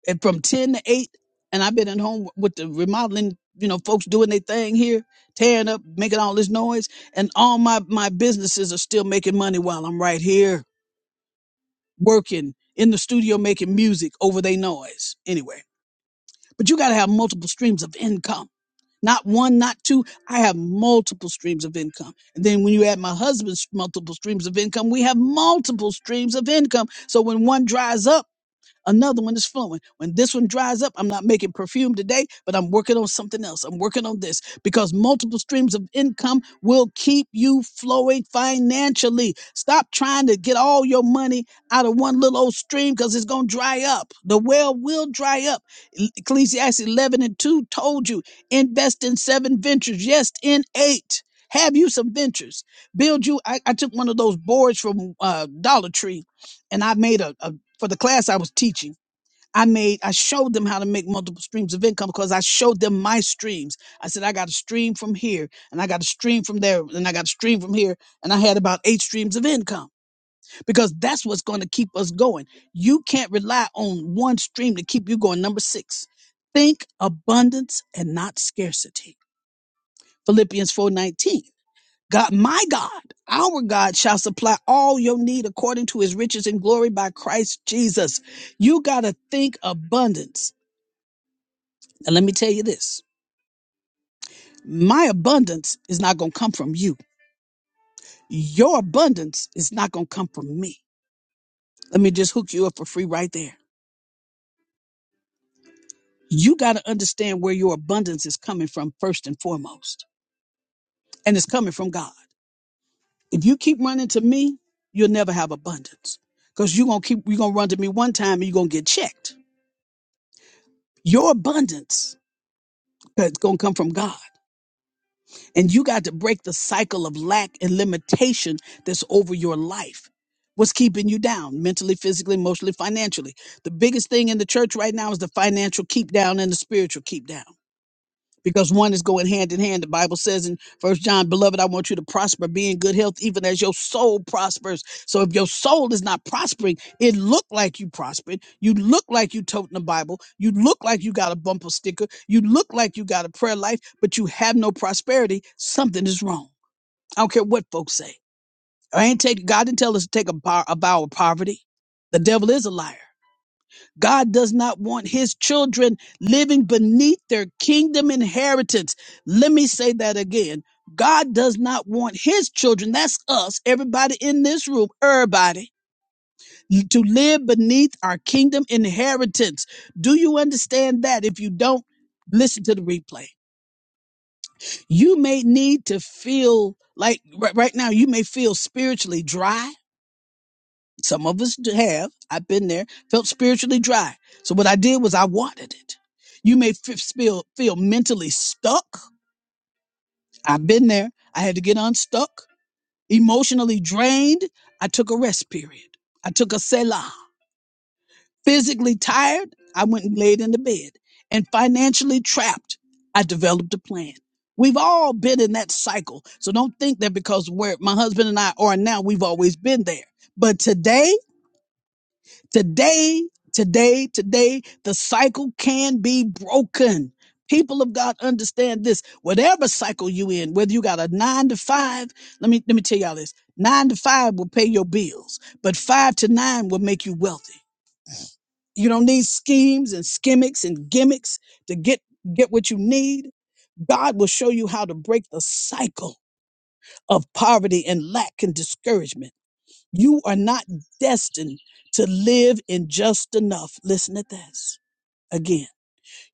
C: and from 10 to 8 and i've been at home with the remodeling you know folks doing their thing here tearing up making all this noise and all my my businesses are still making money while i'm right here working in the studio making music over their noise anyway but you got to have multiple streams of income not one not two i have multiple streams of income and then when you add my husband's multiple streams of income we have multiple streams of income so when one dries up Another one is flowing. When this one dries up, I'm not making perfume today, but I'm working on something else. I'm working on this because multiple streams of income will keep you flowing financially. Stop trying to get all your money out of one little old stream because it's going to dry up. The well will dry up. E- Ecclesiastes 11 and 2 told you invest in seven ventures, yes, in eight. Have you some ventures? Build you. I, I took one of those boards from uh, Dollar Tree and I made a, a for the class I was teaching. I made I showed them how to make multiple streams of income because I showed them my streams. I said I got a stream from here and I got a stream from there and I got a stream from here and I had about eight streams of income because that's what's going to keep us going. You can't rely on one stream to keep you going. Number 6. Think abundance and not scarcity. Philippians 4:19. God, my God, our God shall supply all your need according to his riches and glory by Christ Jesus. You got to think abundance. And let me tell you this my abundance is not going to come from you, your abundance is not going to come from me. Let me just hook you up for free right there. You got to understand where your abundance is coming from first and foremost, and it's coming from God. If you keep running to me, you'll never have abundance because you're going to keep, you're going to run to me one time and you're going to get checked Your abundance is going to come from God. And you got to break the cycle of lack and limitation that's over your life. What's keeping you down mentally, physically, emotionally, financially? The biggest thing in the church right now is the financial keep down and the spiritual keep down because one is going hand in hand. The Bible says in First John, beloved, I want you to prosper, be in good health, even as your soul prospers. So if your soul is not prospering, it look like you prospered. You look like you toting the Bible. You look like you got a bumper sticker. You look like you got a prayer life, but you have no prosperity. Something is wrong. I don't care what folks say. I ain't take God didn't tell us to take a, bar, a vow of poverty. The devil is a liar. God does not want his children living beneath their kingdom inheritance. Let me say that again. God does not want his children, that's us, everybody in this room, everybody, to live beneath our kingdom inheritance. Do you understand that? If you don't, listen to the replay. You may need to feel like right right now, you may feel spiritually dry Some of us do have. I've been there. Felt spiritually dry. So what I did was I watered it. You may f- feel feel mentally stuck. I've been there. I had to get unstuck. Emotionally drained. I took a rest period. I took a selah. Physically tired. I went and laid in the bed. And financially trapped. I developed a plan. We've all been in that cycle. So don't think that because where my husband and I are now, we've always been there. But today Today, today, today, the cycle can be broken. People of God understand this. Whatever cycle you in, whether you got a nine to five, let me let me tell y'all this. Nine to five will pay your bills, but five to nine will make you wealthy. You don't need schemes and skimmicks and gimmicks to get get what you need. God will show you how to break the cycle of poverty and lack and discouragement. You are not destined to live in just enough. Listen to this again.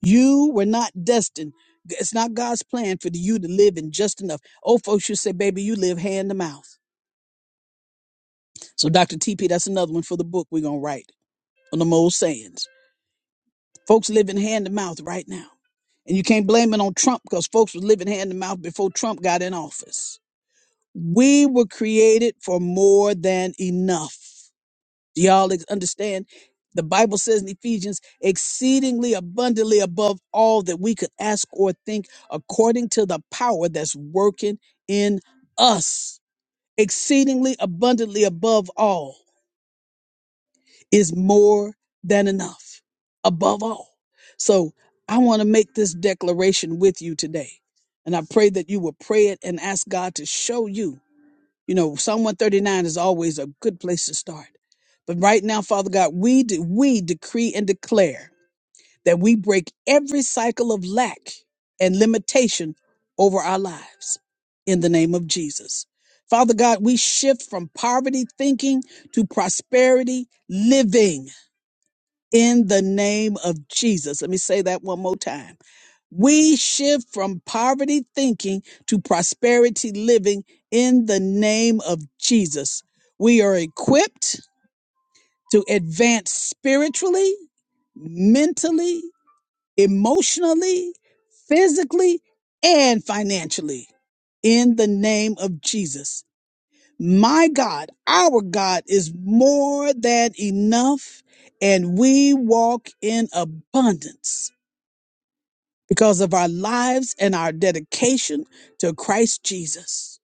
C: You were not destined. It's not God's plan for you to live in just enough. Old folks, you say, baby, you live hand to mouth. So, Dr. TP, that's another one for the book we're going to write on the old sayings. Folks living hand to mouth right now. And you can't blame it on Trump because folks was living hand to mouth before Trump got in office. We were created for more than enough. Do y'all ex- understand? The Bible says in Ephesians, exceedingly abundantly above all that we could ask or think, according to the power that's working in us. Exceedingly abundantly above all is more than enough, above all. So I want to make this declaration with you today. And I pray that you will pray it and ask God to show you you know, Psalm 139 is always a good place to start. But right now, Father God, we de- we decree and declare that we break every cycle of lack and limitation over our lives in the name of Jesus. Father God, we shift from poverty thinking to prosperity living in the name of Jesus. Let me say that one more time. We shift from poverty thinking to prosperity living in the name of Jesus. We are equipped to advance spiritually, mentally, emotionally, physically, and financially in the name of Jesus. My God, our God is more than enough, and we walk in abundance because of our lives and our dedication to Christ Jesus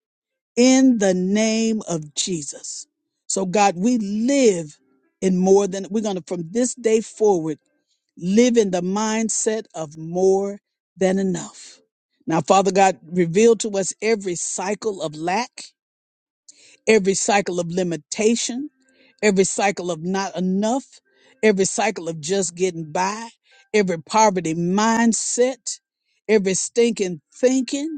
C: in the name of Jesus. So, God, we live in more than we're going to, from this day forward, live in the mindset of more than enough. Now, Father God, reveal to us every cycle of lack every cycle of limitation, every cycle of not enough, every cycle of just getting by, every poverty mindset, every stinking thinking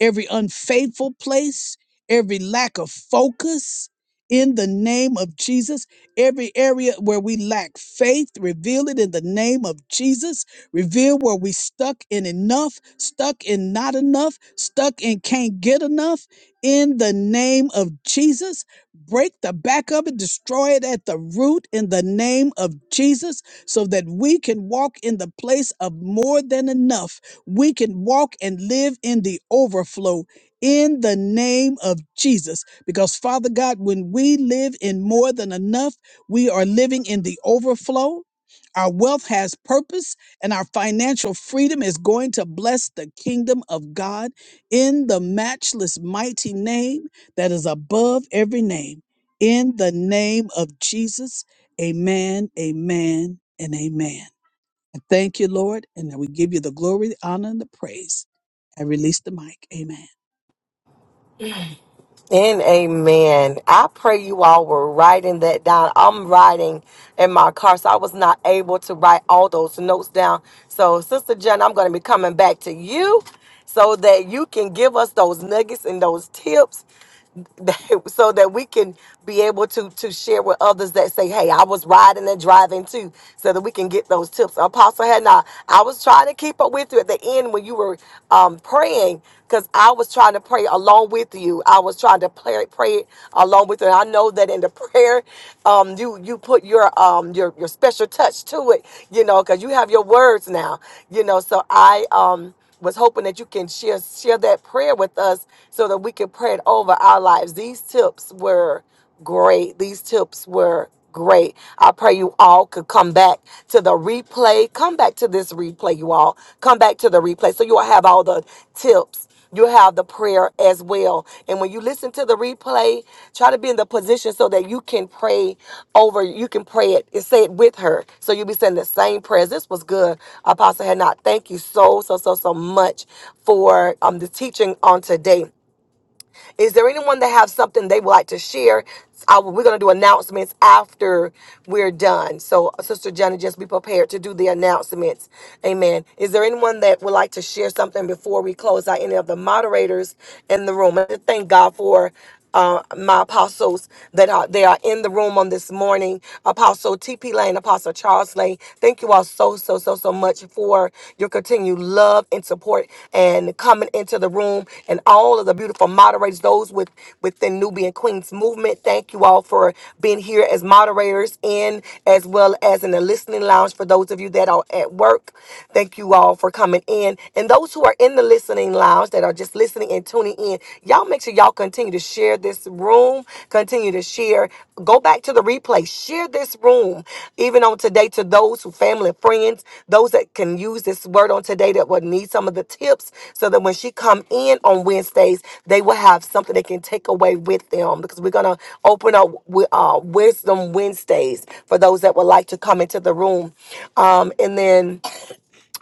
C: every unfaithful place, every lack of focus in the name of Jesus. Every area where we lack faith, reveal it in the name of Jesus. Reveal where we stuck in enough, stuck in not enough, stuck in can't get enough in the name of Jesus. Break the back of it, destroy it at the root in the name of Jesus, so that we can walk in the place of more than enough we can walk and live in the overflow in the name of Jesus. Because, Father God, when we live in more than enough, we are living in the overflow. Our wealth has purpose, and our financial freedom is going to bless the kingdom of God in the matchless, mighty name that is above every name. In the name of Jesus, amen, amen, and amen. And thank you, Lord. And we give you the glory, the honor, and the praise. I release the mic. Amen.
A: And amen. I pray you all were writing that down. I'm writing in my car, so I was not able to write all those notes down. So, Sister Jen, I'm going to be coming back to you so that you can give us those nuggets and those tips that- so that we can be able to to share with others that say, "Hey, I was riding and driving too," so that we can get those tips. Apostle had not. I was trying to keep up spoke with you at the end when you were um, praying because I was trying to pray along with you. I was trying to pray, pray along with you. And I know that in the prayer, um, you you put your um your your special touch to it, you know, because you have your words now, you know. So I um was hoping that you can share share that prayer with us so that we can pray it over our lives. These tips were great. These tips were great. I pray you all could come back to the replay. Come back to this replay, you all. Come back to the replay. So you all have all the tips. You have the prayer as well. And when you listen to the replay, try to be in the position so that you can pray over, you can pray it and say it with her. So you'll be saying the same prayers. This was good, Apostle Had Thank you so, so, so, so much for um, the teaching on today. Is there anyone that have something they would like to share? I- we're going to do announcements after we're done. So, Sister Johnny, just be prepared to do the announcements. Amen. Is there anyone that would like to share something before we close out? Any of the moderators in the room? I thank God for uh, my apostles that are they are in the room on this morning. Apostle T.P. Lane, Apostle Charles Lane. Thank you all so so so so much for your continued love and support and coming into the room and all of the beautiful moderators, those with within Nubian Queens movement. Thank you all for being here as moderators and as well as in the listening lounge for those of you that are at work. Thank you all for coming in and those who are in the listening listening lounge that are just listening and tuning in, y'all make sure y'all continue to share this room, continue to share, go back to the replay, share this room, even on today to those who family friends, those that can use this word on today that would need some of the tips so that when she come in on Wednesdays, they will have something they can take away with them because we're gonna open up with uh, Wisdom Wednesdays for those that would like to come into the room. Um, and then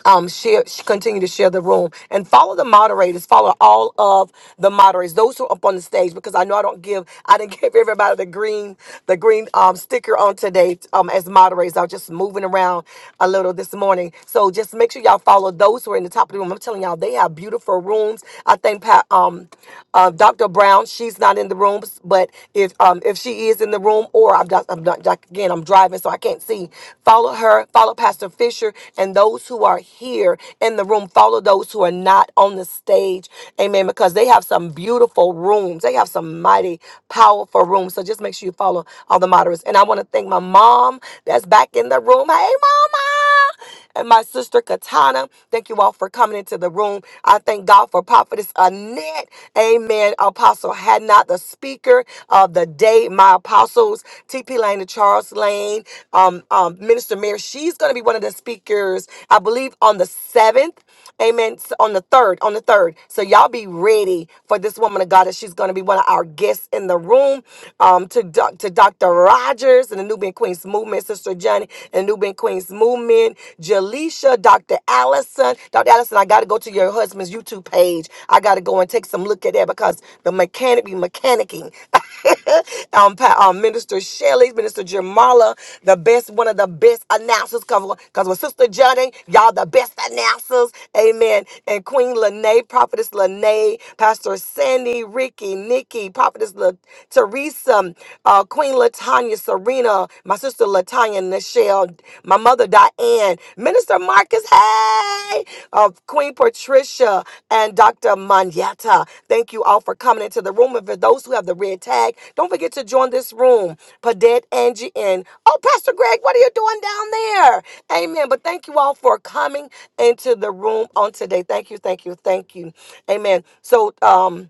A: um, share, sh- continue to share the room and follow the moderators, follow all of the moderators, those who are up on the stage, because I know I don't give, I didn't give everybody the green, the green, um, sticker on today, um, as moderators. I was just moving around a little this morning. So just make sure y'all follow those who are in the top of the room. I'm telling y'all, they have beautiful rooms. I think, Pa- um, uh, Dr. Brown, she's not in the room, but if, um, if she is in the room or I've got- I'm not, like, again, I'm driving, so I can't see. Follow her, follow Pastor Fisher, and those who are here in the room, follow those who are not on the stage. Amen. Because they have some beautiful rooms, they have some mighty, powerful rooms. So just make sure you follow all the moderators. And I want to thank my mom that's back in the room. Hey, mama and my sister Katana. Thank you all for coming into the room. I thank God for Prophetess Annette said, Amen, Apostle had not the speaker of the day, my apostles, T.P. Lane and Charles Lane, um, um, Minister Mary, she's going to be one of the speakers, I believe, on the 7th. Amen. So on the third, on the third. So y'all be ready for this woman of God that she's going to be one of our guests in the room. Um, to doc, to Dr. Rogers and the Nubian Queens movement, Sister Johnny and Nubian Queens movement, Jaleisha, Dr. Allison. Dr. Allison, I got to go to your husband's YouTube page. I got to go and take some look at that because the mechanic be mechanicking. um, Pa- um, Minister Shelley, Minister Jamala, the best, one of the best announcers. Because with Sister Juddy, y'all the best announcers. Amen. And Queen Lene, Prophetess Lene, Pastor Sandy, Ricky, Nikki, Prophetess La- Teresa, uh, Queen Latanya Serena, my sister Latanya Nichelle, my mother Diane, Minister Marcus, hey, uh, Queen Patricia, and Dr. Manyata. Thank you all for coming into the room. And for those who have the red tag, don't forget to join this room. Padet, Angie, and oh, Pastor Greg, what are you doing down there? Amen. But thank you all for coming into the room on today. Thank you, thank you, thank you. Amen. So, um,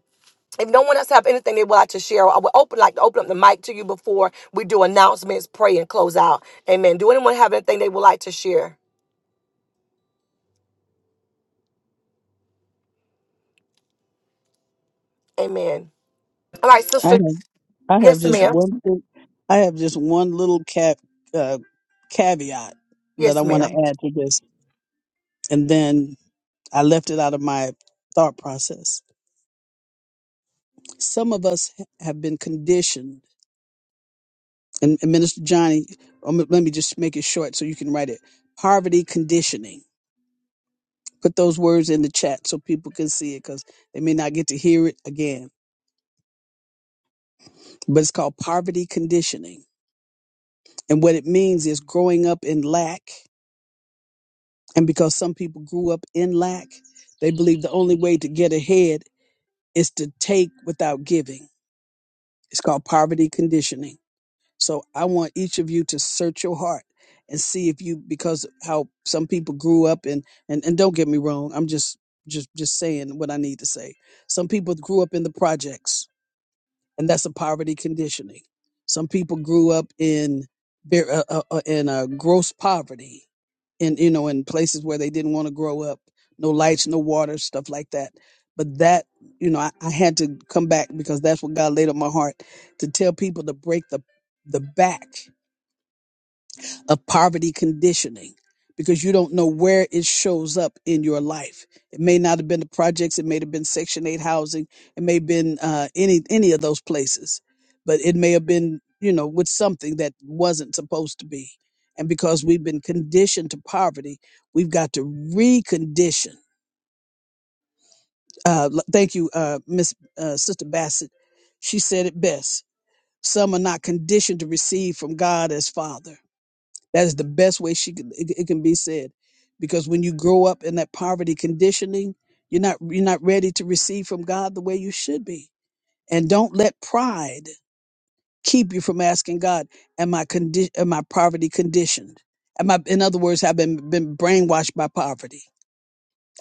A: if no one else have anything they would like to share, I would open like to open up the mic to you before we do announcements, pray, and close out. Amen. Do anyone have anything they would like to share? Amen. All right,
C: I
A: sister.
C: have, I have
A: Yes,
C: just
A: ma'am.
C: one thing. I have just one little cap, uh, caveat that I
A: Yes,
C: want to
A: ma'am.
C: add to this. And then I left it out of my thought process. Some of us ha- have been conditioned, and, and Minister Johnny, um, let me just make it short so you can write it. Poverty conditioning. Put those words in the chat so people can see it because they may not get to hear it again but it's called poverty conditioning. And what it means is growing up in lack. And because some people grew up in lack, they believe the only way to get ahead is to take without giving. It's called poverty conditioning. So I want each of you to search your heart and see if you because how some people grew up in and, and don't get me wrong, I'm just just just saying what I need to say. Some people grew up in the projects and that's a poverty conditioning. Some people grew up in ver- uh, uh, uh, in uh, gross poverty, in you know, in places where they didn't want to grow up, no lights, no water, stuff like that. But that, you know, I, I had to come back because that's what God laid on my heart to tell people to break the the back of poverty conditioning because you don't know where it shows up in your life. It may not have been the projects, it may have been Section 8 housing, it may have been uh, any any of those places, but it may have been, you know, with something that wasn't supposed to be. And because we've been conditioned to poverty, we've got to recondition. Uh, l- thank you, uh, Miss uh, Sister Bassett. She said it best. Some are not conditioned to receive from God as Father that is the best way she could, it, it can be said, because when you grow up in that poverty conditioning, you're not you're not ready to receive from God the way you should be. And don't let pride keep you from asking God, "Am I condi- Am I poverty conditioned? Am I, in other words, have been been brainwashed by poverty?"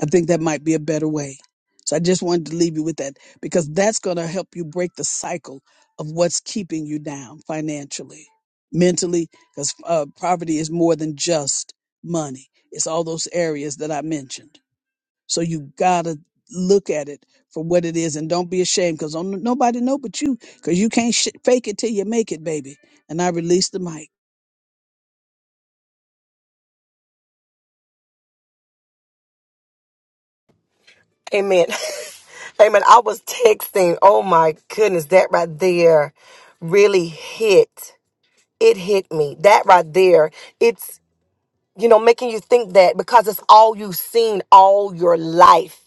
C: I think that might be a better way. So I just wanted to leave you with that because that's going to help you break the cycle of what's keeping you down financially, mentally, because uh, poverty is more than just money. It's all those areas that I mentioned. So you got to look at it for what it is and don't be ashamed because nobody know but you because you can't sh- fake it till you make it, baby. And I release the mic.
A: Amen. Amen. I was texting. Oh my goodness, that right there really hit. It hit me. That right there. It's you know making you think that because it's all you've seen all your life.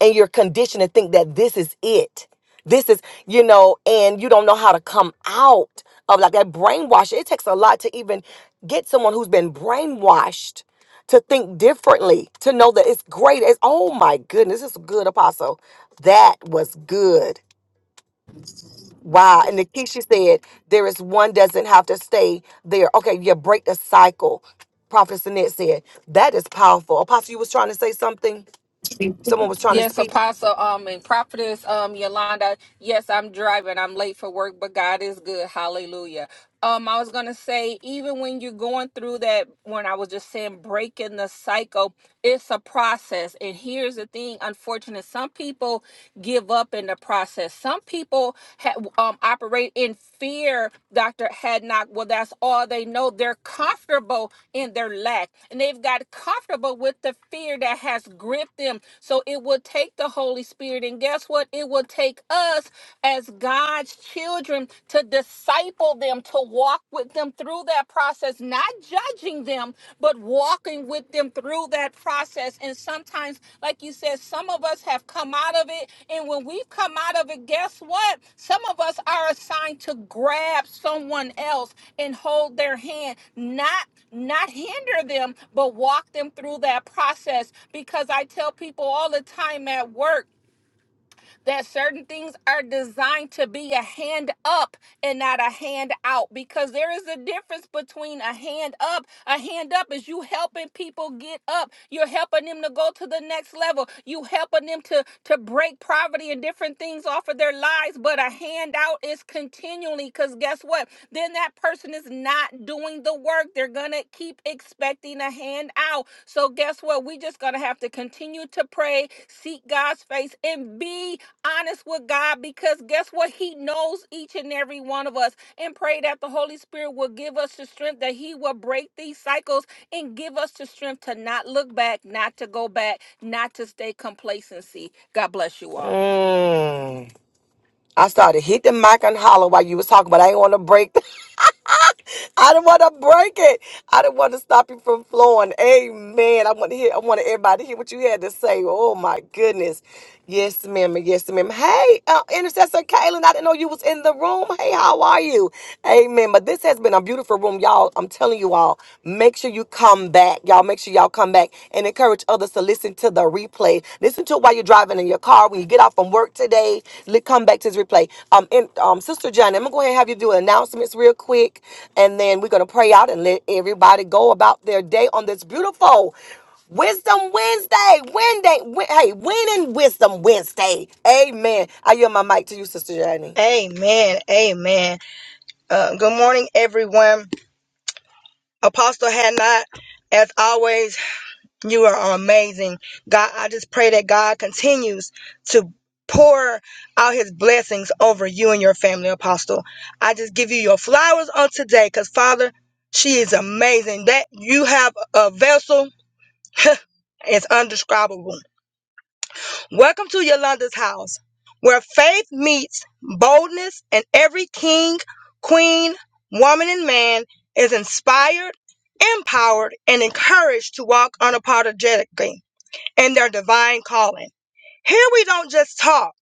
A: and you're conditioned to think that this is it. This is, you know, and you don't know how to come out of like that brainwashing. It takes a lot to even get someone who's been brainwashed to think differently, to know that it's great. It's oh my goodness, this is good, Apostle. That was good. Wow. And Nikisha said, there is one doesn't have to stay there. Okay, you break the cycle. Prophet Sinet said, that is powerful. Apostle, you was trying to say something? Someone was trying to
B: Yes,
A: speak?
B: Apostle, um, and Prophetess, um, Yolanda. Yes, I'm driving. I'm late for work, but God is good. Hallelujah. Um, I was gonna say, even when you're going through that, when I was just saying breaking the cycle, it's a process. And here's the thing, unfortunate, some people give up in the process. Some people ha- um operate in in fear, Dr. Hadnock. Well, that's all they know. They're comfortable in their lack, and they've got comfortable with the fear that has gripped them. So it will take the Holy Spirit, and guess what? It will take us as God's children to disciple them, to walk with them through that process, not judging them, but but walking with them through that process. And sometimes, like you said, some of us have come out of it. And when we've come out of it, guess what? Some of us are assigned to grab someone else and hold their hand, not not hinder them, but walk them through that process. Because I tell people all the time at work, that certain things are designed to be a hand up and not a hand out because there is a difference between a hand up a hand up is you helping people get up you're helping them to go to the next level you helping them to to break poverty and different things off of their lives but a handout is continually because guess what then that person is not doing the work they're gonna keep expecting a handout so guess what we just gonna have to continue to pray seek god's face and be honest with God because guess what? He knows each and every one of us and pray that the Holy Spirit will give us the strength that He will break these cycles and give us the strength to not look back, not to go back, not to stay complacency. God bless you all.
A: Mm. I started hit the mic and holler while you was talking, but I ain't want to break. I didn't want to break it. I didn't want to stop you from flowing. Amen. I want to hear. I wanted everybody to hear what you had to say. Oh my goodness. Yes, ma'am. Yes, ma'am. Hey, uh, intercessor Kaylin, I didn't know you was in the room. Hey, how are you? Amen. But this has been a beautiful room, y'all. I'm telling you all. Make sure you come back, y'all. Make sure y'all come back and encourage others others to listen to the replay. Listen to it while you're driving in your car when you get off from work today. li- Come back to this replay. Um, and um, Sister Johnny, I'm gonna go ahead and have you do announcements real quick, and then we're gonna pray out and let everybody go about their day on this beautiful Wisdom Wednesday. Wednesday. Wed- Hey, winning Wisdom Wednesday. Amen. I yield my mic to you, Sister Johnny.
D: Amen. Amen. Uh, good morning, everyone. Apostle had not, as always, you are amazing. God, I just pray that God continues to pour out his blessings over you and your family, Apostle. I just give you your flowers on today because, Father, she is amazing. That you have a vessel is undescribable. Welcome to Yolanda's house, where faith meets boldness, and every king, queen, woman, and man is inspired, empowered, and encouraged to walk unapologetically in their divine calling. Here we don't just talk,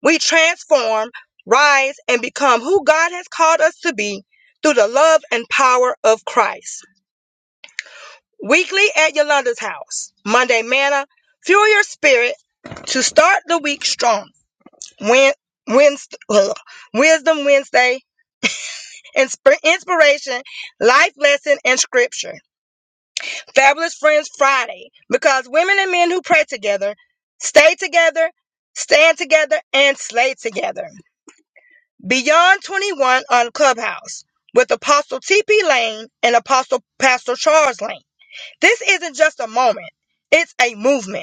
D: we transform, rise, and become who God has called us to be through the love and power of Christ. Weekly at Yolanda's house, Monday Manna, fuel your spirit to start the week strong. Wed- Wednesday, ugh, Wisdom Wednesday, Insp- Inspiration, Life Lesson, and Scripture. Fabulous Friends Friday, because women and men who pray together, stay together, stand together, and slay together. Beyond 21 on Clubhouse with Apostle T.P. Lane and Apostle Pastor Charles Lane. This isn't just a moment, it's a movement.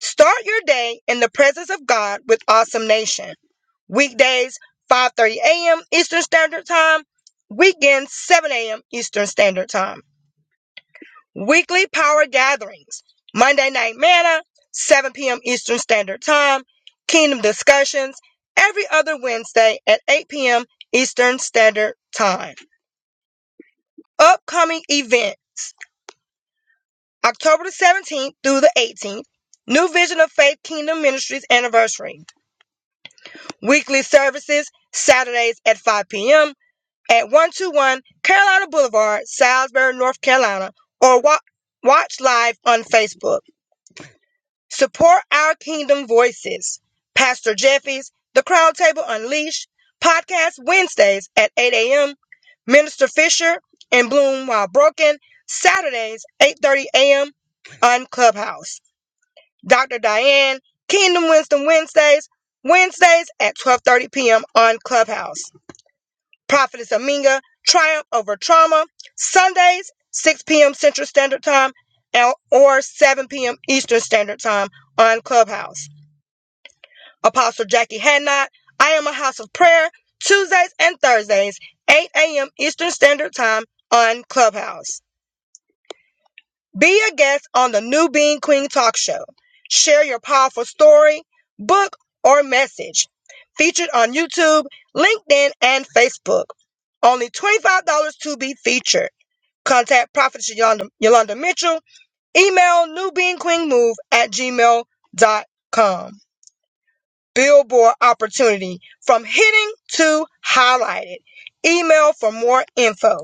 D: Start your day in the presence of God with Awesome Nation. Weekdays, 5:30 a.m. Eastern Standard Time. Weekends, 7 a.m. Eastern Standard Time. Weekly power gatherings. Monday Night Manna, 7 p.m. Eastern Standard Time. Kingdom discussions every other Wednesday at 8 p.m. Eastern Standard Time. Upcoming events. October the 17th through the 18th, New Vision of Faith Kingdom Ministries anniversary. Weekly services, Saturdays at 5 p.m. at 121 Carolina Boulevard, Salisbury, North Carolina, or wa- watch live on Facebook. Support our kingdom voices. Pastor Jeffy's The Crown Table Unleashed, podcast Wednesdays at 8 a.m. Minister Fisher and Bloom While Broken, Saturdays, 8.30 a.m. on Clubhouse. Dr. Diane, Kingdom Wisdom Wednesdays, Wednesdays at 12:30 p.m. on Clubhouse. Prophetess Aminga, Triumph Over Trauma, Sundays, 6 p.m. Central Standard Time and- or 7 p.m. Eastern Standard Time on Clubhouse. Apostle Jackie Hadnot, I Am a House of Prayer, Tuesdays and Thursdays, 8 a.m. Eastern Standard Time on Clubhouse. Be a guest on the New Being Queen Talk Show. Share your powerful story, book, or message. Featured on YouTube, LinkedIn, and Facebook. Only $25 to be featured. Contact Prophet Yolanda, Yolanda Mitchell. Email newbeingqueenmove at gmail.com. Billboard opportunity from hitting to highlighted. Email for more info.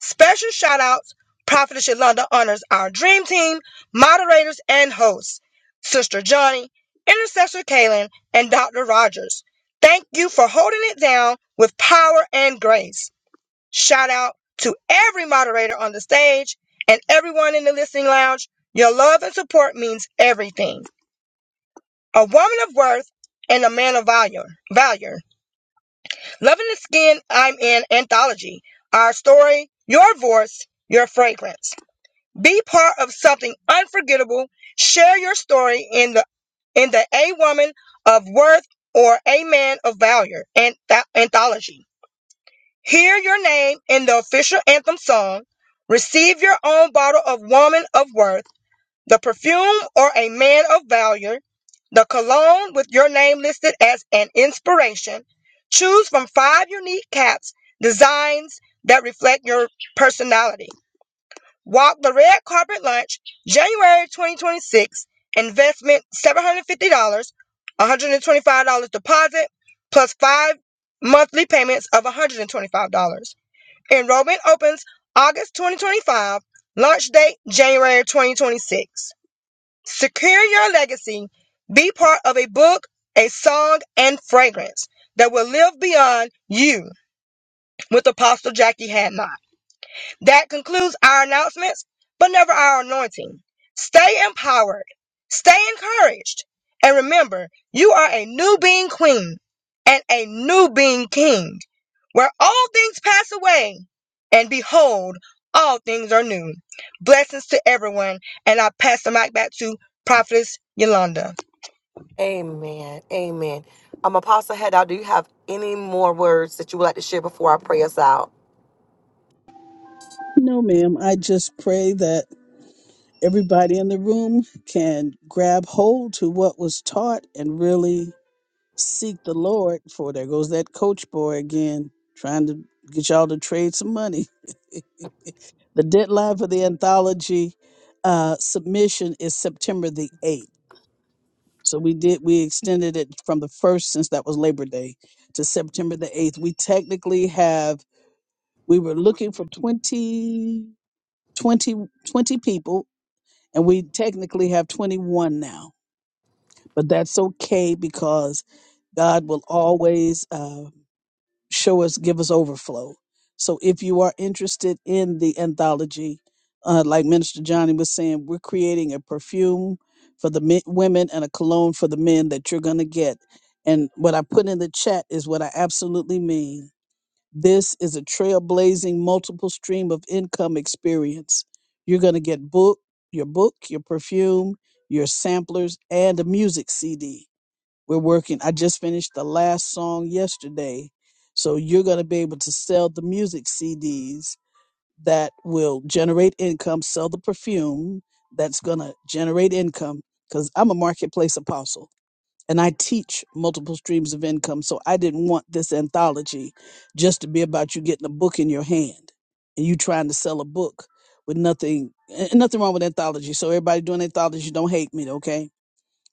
D: Special shout outs, Prophetess Yolanda honors our dream team, moderators, and hosts, Sister Johnny, Intercessor Kaylin, and Dr. Rogers. Thank you for holding it down with power and grace. Shout out to every moderator on the stage and everyone in the listening lounge. Your love and support means everything. A woman of worth and a man of value. value. Loving the skin I'm in anthology. Our story, your voice, your fragrance. Be part of something unforgettable. Share your story in the in the A Woman of Worth or A Man of Valor anth- anthology. Hear your name in the official anthem song. Receive your own bottle of Woman of Worth, the perfume or a Man of Valor, the cologne with your name listed as an inspiration. Choose from five unique caps designs that reflect your personality. Walk the red carpet lunch, January 2026. Investment $750, $125 deposit, plus five monthly payments of $125. Enrollment opens August 2025. Launch date January 2026. Secure your legacy. Be part of a book, a song, and fragrance that will live beyond you with Apostle Jackie Hadnot. That concludes our announcements, but never our anointing. Stay empowered, stay encouraged, and remember you are a new being queen and a new being king, where all things pass away, and behold, all things are new. Blessings to everyone, and I pass the mic back to Prophetess Yolanda.
A: Amen. Amen. Um, Apostle Haddow, do you have any more words that you would like to share before I pray us out?
C: No, ma'am. I just pray that everybody in the room can grab hold to what was taught and really seek the Lord for. There goes that coach boy again, trying to get y'all to trade some money. the deadline for the anthology uh, submission is September the 8th. So we did we extended it from the first since that was Labor Day to September the 8th. We technically have we were looking for 20 20 twenty people and we technically have 21 now, but that's okay because God will always uh, show us, give us overflow. So if you are interested in the anthology, uh, like Minister Johnny was saying, we're creating a perfume for the men, women and a cologne for the men that you're going to get. And what I put in the chat is what I absolutely mean this is a trailblazing multiple stream of income experience. You're going to get book, your book, your perfume, your samplers, and a music CD. We're working. I just finished the last song yesterday. So you're going to be able to sell the music CDs that will generate income, sell the perfume that's going to generate income because I'm a marketplace apostle and I teach multiple streams of income. So I didn't want this anthology just to be about you getting a book in your hand and you trying to sell a book with nothing and nothing wrong with anthology. So everybody doing anthology, don't hate me, okay?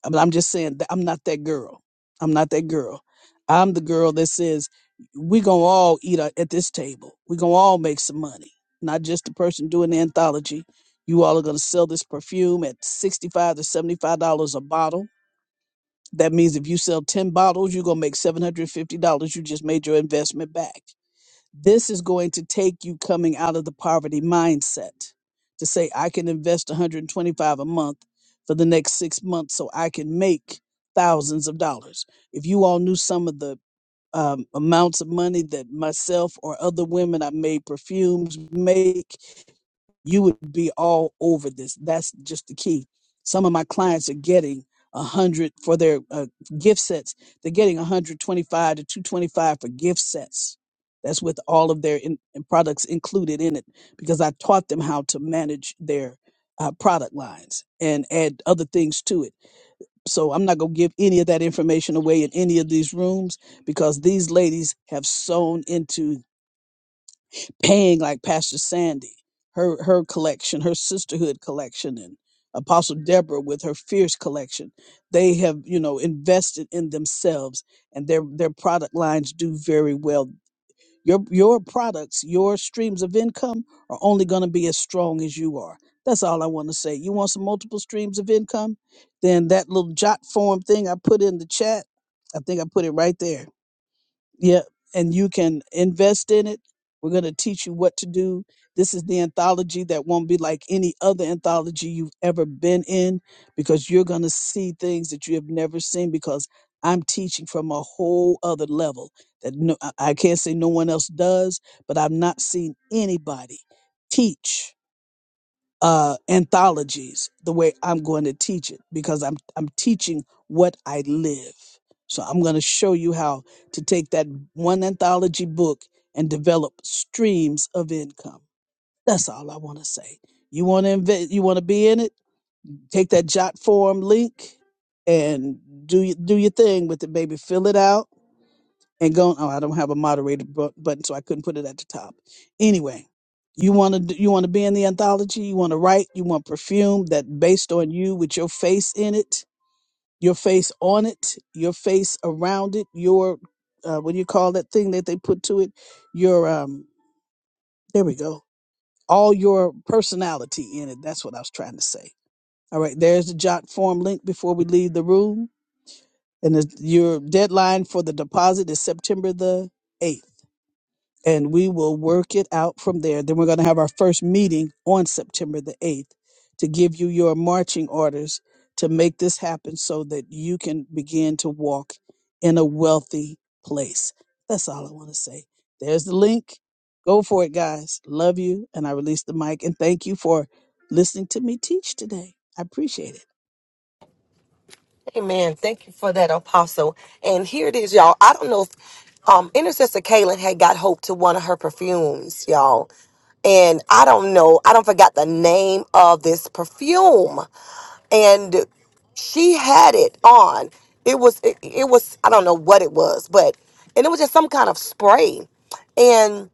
C: But I'm just saying that I'm not that girl. I'm not that girl. I'm the girl that says we gonna all eat a- at this table. We gonna all make some money, not just the person doing the anthology. You all are gonna sell this perfume at sixty-five to seventy-five dollars a bottle that means if you sell 10 bottles, you're going to make $750. You just made your investment back. This is going to take you coming out of the poverty mindset to say, I can invest 125 a month for the next six months so I can make thousands of dollars. If you all knew some of the um, amounts of money that myself or other women I made perfumes make, you would be all over this. That's just the key. Some of my clients are getting a hundred for their uh, gift sets. They're getting 125 to 225 for gift sets. That's with all of their in, in products included in it because I taught them how to manage their uh, product lines and add other things to it so I'm not going to give any of that information away in any of these rooms because these ladies have sewn into paying like Pastor Sandy, her her collection, her sisterhood collection, and Apostle Deborah with her fierce collection. They have you know invested in themselves, and their their product lines do very well. Your your products, your streams of income are only going to be as strong as you are. That's all I want to say. You want some multiple streams of income? Then that little jot form thing I put in the chat, I think I put it right there Yep. And you can invest in it. We're going to teach you what to do. This is the anthology that won't be like any other anthology you've ever been in because you're going to see things that you have never seen because I'm teaching from a whole other level that no, I I can't say no one else does, but I've not seen anybody teach uh, anthologies the way I'm going to teach it because I'm I'm teaching what I live. So I'm going to show you how to take that one anthology book and develop streams of income. That's all I want to say. You want to invest? You want to be in it? Take that Jot form link and do y- do your thing with it, baby. Fill it out and go. Oh, I don't have a moderator bu- button, so I couldn't put it at the top. Anyway, you want to you want to be in the anthology. You want to write. You want perfume that based on you with your face in it, your face on it, your face around it, your uh, what do you call that thing that they put to it? Your um, there we go. All your personality in it. That's what I was trying to say. All right, there's the jot form link before we leave the room, and the, your deadline for the deposit is September the eighth. and we will work it out from there. Then we're going to have our first meeting on September the 8th to give you your marching orders to make this happen so that you can begin to walk in a wealthy place. That's all I want to say. There's the link. Go for it, guys. Love you. And I release the mic. And thank you for listening to me teach today. I appreciate it.
A: Amen. Thank you for that, Apostle. And here it is, y'all. I don't know if um, Intercessor Kaylin had got hope to one of her perfumes, y'all. And I don't know. I don't forgot the name of this perfume and she had it on. It was it, it was I don't know what it was, but and it was just some kind of spray. And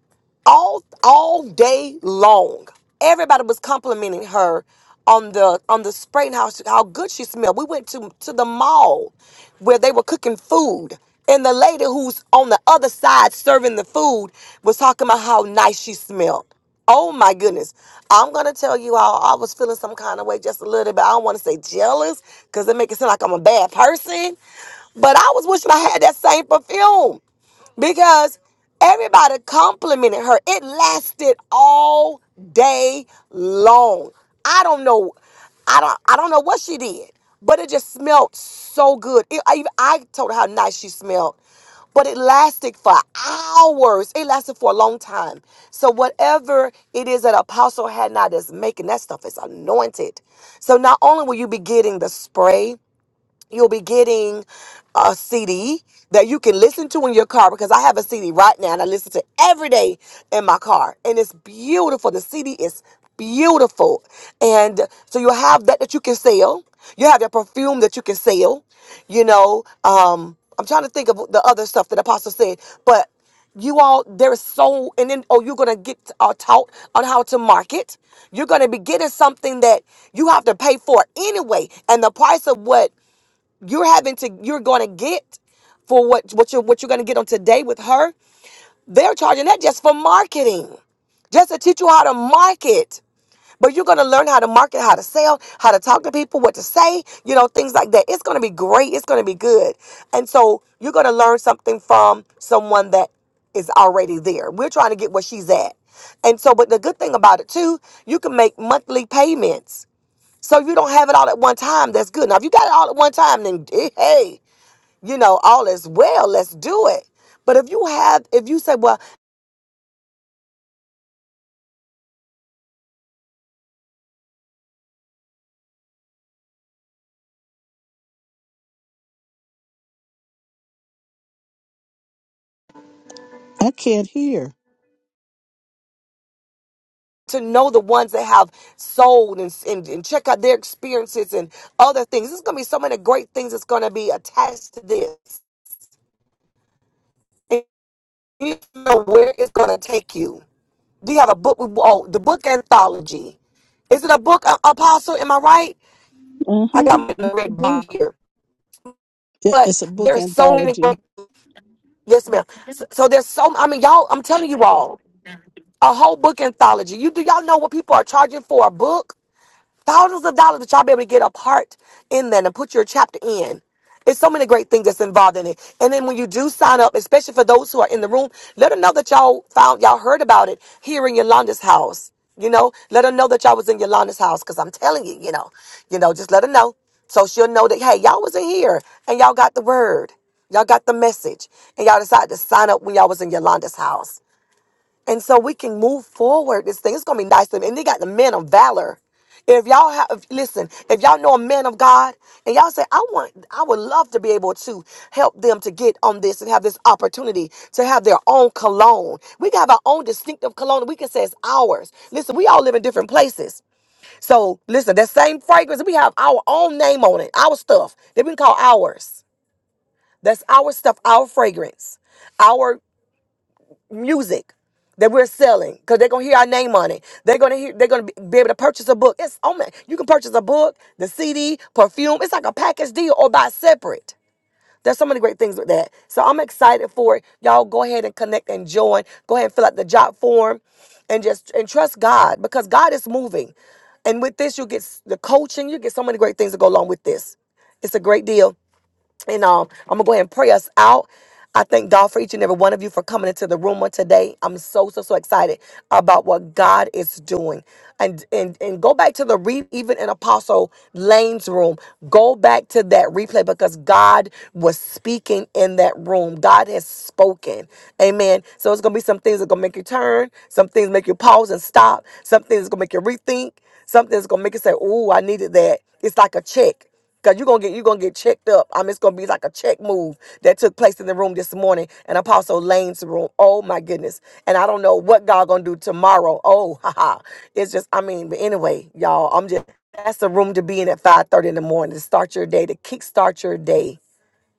A: all all day long, everybody was complimenting her on the on the spray and how she- how good she smelled. We went to to the mall where they were cooking food. And the lady who's on the other side serving the food was talking about how nice she smelled. Oh my goodness. I'm gonna tell you all I was feeling some kind of way just a little bit. I don't wanna say jealous because it make it seem like I'm a bad person. But I was wishing I had that same perfume because everybody complimented her. It lasted all day long. I don't know. I don't. I don't know what she did, but it just smelled so good. It- I, even- I told her how nice she smelled, but it lasted for hours. It lasted for a long time. So whatever it is that Apostle had now that's making that stuff is anointed. So not only will you be getting the spray you'll be getting a CD that you can listen to in your car because I have a CD right now and I listen to every day in my car and it's beautiful. The CD is beautiful. And so you'll have that that you can sell. You have your perfume that you can sell. You know, um I'm trying to think of the other stuff that apostle said, but you all there is so and then oh you're gonna get uh, taught on how to market you're gonna be getting something that you have to pay for anyway and the price of what you're having to you're going to get for what what you're what you're going to get on today with her they're charging that just for marketing just to teach you how to market but you're going to learn how to market how to sell how to talk to people what to say you know things like that it's going to be great it's going to be good and so you're going to learn something from someone that is already there we're trying to get where she's at and so but the good thing about it too you can make monthly payments so you don't have it all at one time. That's good. Now, if you got it all at one time, then eh, hey, you know, all is well. Let's do it. But if you have, if you say, well,
C: I can't hear.
A: to know the ones that have sold and, and, and check out their experiences and other things, there's going to be so many great things that's going to be attached to this. And you don't know where it's going to take you. Do you have a book? with- Oh, the book anthology. Is it a book, A- Apostle? Am I right? I got
C: Mm-hmm.
A: my
C: It's a
A: red bar
C: book.
A: here.
C: Yep,
A: But
C: it's a book
A: there's so many
C: anthology.
A: great, yes, ma'am. So, so there's so, I mean, y'all, I'm telling you all. a whole book anthology. You do y'all know what people are charging for a book? Thousands of dollars that y'all be able to get a part in there and put your chapter in. It's so many great things that's involved in it. And then when you do sign up, especially for those who are in the room, let them know that y'all found y'all heard about it here in Yolanda's house. You know, let her know that y'all was in Yolanda's house because I'm telling you, you know, you know, just let her know so she'll know that hey, y'all was in here and y'all got the word, y'all got the message, and y'all decided to sign up when y'all was in Yolanda's house. And so we can move forward. This thing it's gonna be nice. And and they got the men of valor. If y'all have if- listen, if y'all know a man of God and y'all say, I want I would love to be able to help them to get on this and have this opportunity to have their own cologne. We can have our own distinctive cologne we can say it's ours. Listen, we all live in different places. So listen, that same fragrance, we have our own name on it, our stuff that we can call ours. That's our stuff, our fragrance. Our music that we're selling because they're gonna hear our name on it. They're gonna hear. They're gonna be, be able to purchase a book. It's oh man, you can purchase a book, the CD, perfume. It's like a package deal or buy separate. There's so many great things with that. So I'm excited for it. Y'all go ahead and connect and join. Go ahead and fill out the job form, and just and trust God because God is moving. And with this, you'll get s- the coaching. You get so many great things that go along with this. It's a great deal. And um, I'm gonna go ahead and pray us out. I thank God for each and every one of you for coming into the room on today. I'm so so so excited about what God is doing. And and and go back to the re even in Apostle Lane's room. Go back to that replay because God was speaking in that room. God has spoken. Amen. So it's gonna be some things that gonna make you turn, some things make you pause and stop, some things gonna make you rethink, some things gonna make you say, Oh, I needed that. It's like a check. Cause you're gonna get you gonna get checked up. I'm it's gonna be like a check move that took place in the room this morning in Apostle Lane's room. Oh my goodness. And I don't know what God gonna do tomorrow. Oh haha. It's just I mean, but anyway, y'all, I'm just that's the room to be in at 5:30 in the morning to start your day, to kickstart your day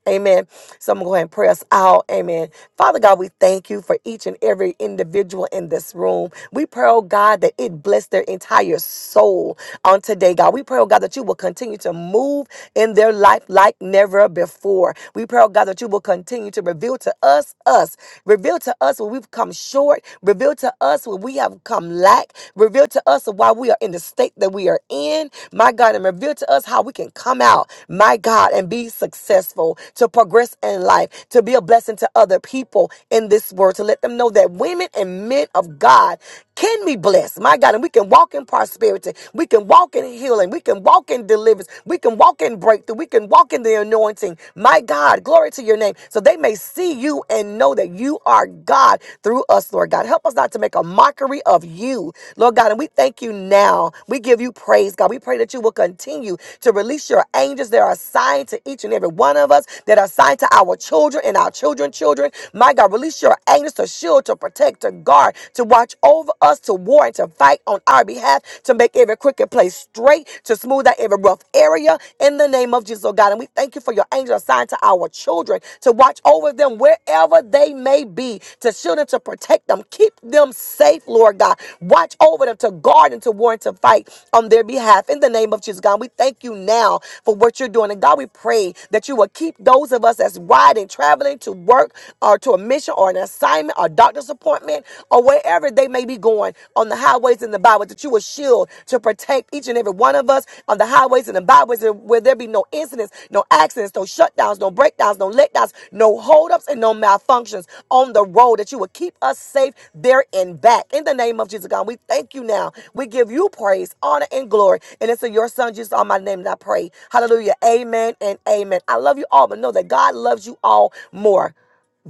A: Amen. So I'm going to go ahead and pray us out. Amen. Father God, we thank you for each and every individual in this room. We pray, oh God, that it bless their entire soul on today, God. We pray, oh God, that you will continue to move in their life like never before. We pray, oh God, that you will continue to reveal to us, us, reveal to us when we've come short, reveal to us when we have come lack, reveal to us why we are in the state that we are in my God, and reveal to us how we can come out, my God, and be successful, to progress in life, to be a blessing to other people in this world, to let them know that women and men of God can be blessed, my God, and we can walk in prosperity, we can walk in healing, we can walk in deliverance, we can walk in breakthrough, we can walk in the anointing, my God, glory to your name, so they may see you and know that you are God through us, Lord God. Help us not to make a mockery mockery of you, Lord God. And we thank you now. We give you praise, God. We pray that you will continue to release your angels that are assigned to each and every one of us, that are assigned to our children and our children's children. My God, release your angels to shield, to protect, to guard, to watch over us, to war and to fight on our behalf, to make every crooked place straight, to smooth out every rough area in the name of Jesus, oh God. And we thank you for your angels assigned to our children to watch over them wherever wherever they may be, to shield them, to protect them, keep them safe, Lord God. Watch over them, to guard and to war and to fight on their behalf. In the name of Jesus, God, we thank you now for what you're doing. And God, we pray that you will keep those of us that's riding, traveling to work or to a mission or an assignment or doctor's appointment or wherever they may be going on the highways and the byways, that you will shield to protect each and every one of us on the highways and the byways, and where there be no incidents, no accidents, no shutdowns, no breakdowns, no letdowns, no holdups, and no malfunctions on the road. That you would keep us safe there and back. In the name of Jesus, God, we thank you now. We give you praise, honor, and glory. And it's in your Son, Jesus, all my name, that I pray. Hallelujah. Amen and amen. I love you all, but know that God loves you all more.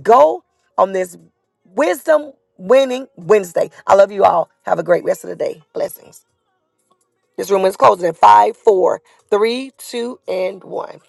A: Go on this wisdom winning Wednesday. I love you all. Have a great rest of the day. Blessings. This room is closing in five, four, three, two, and one.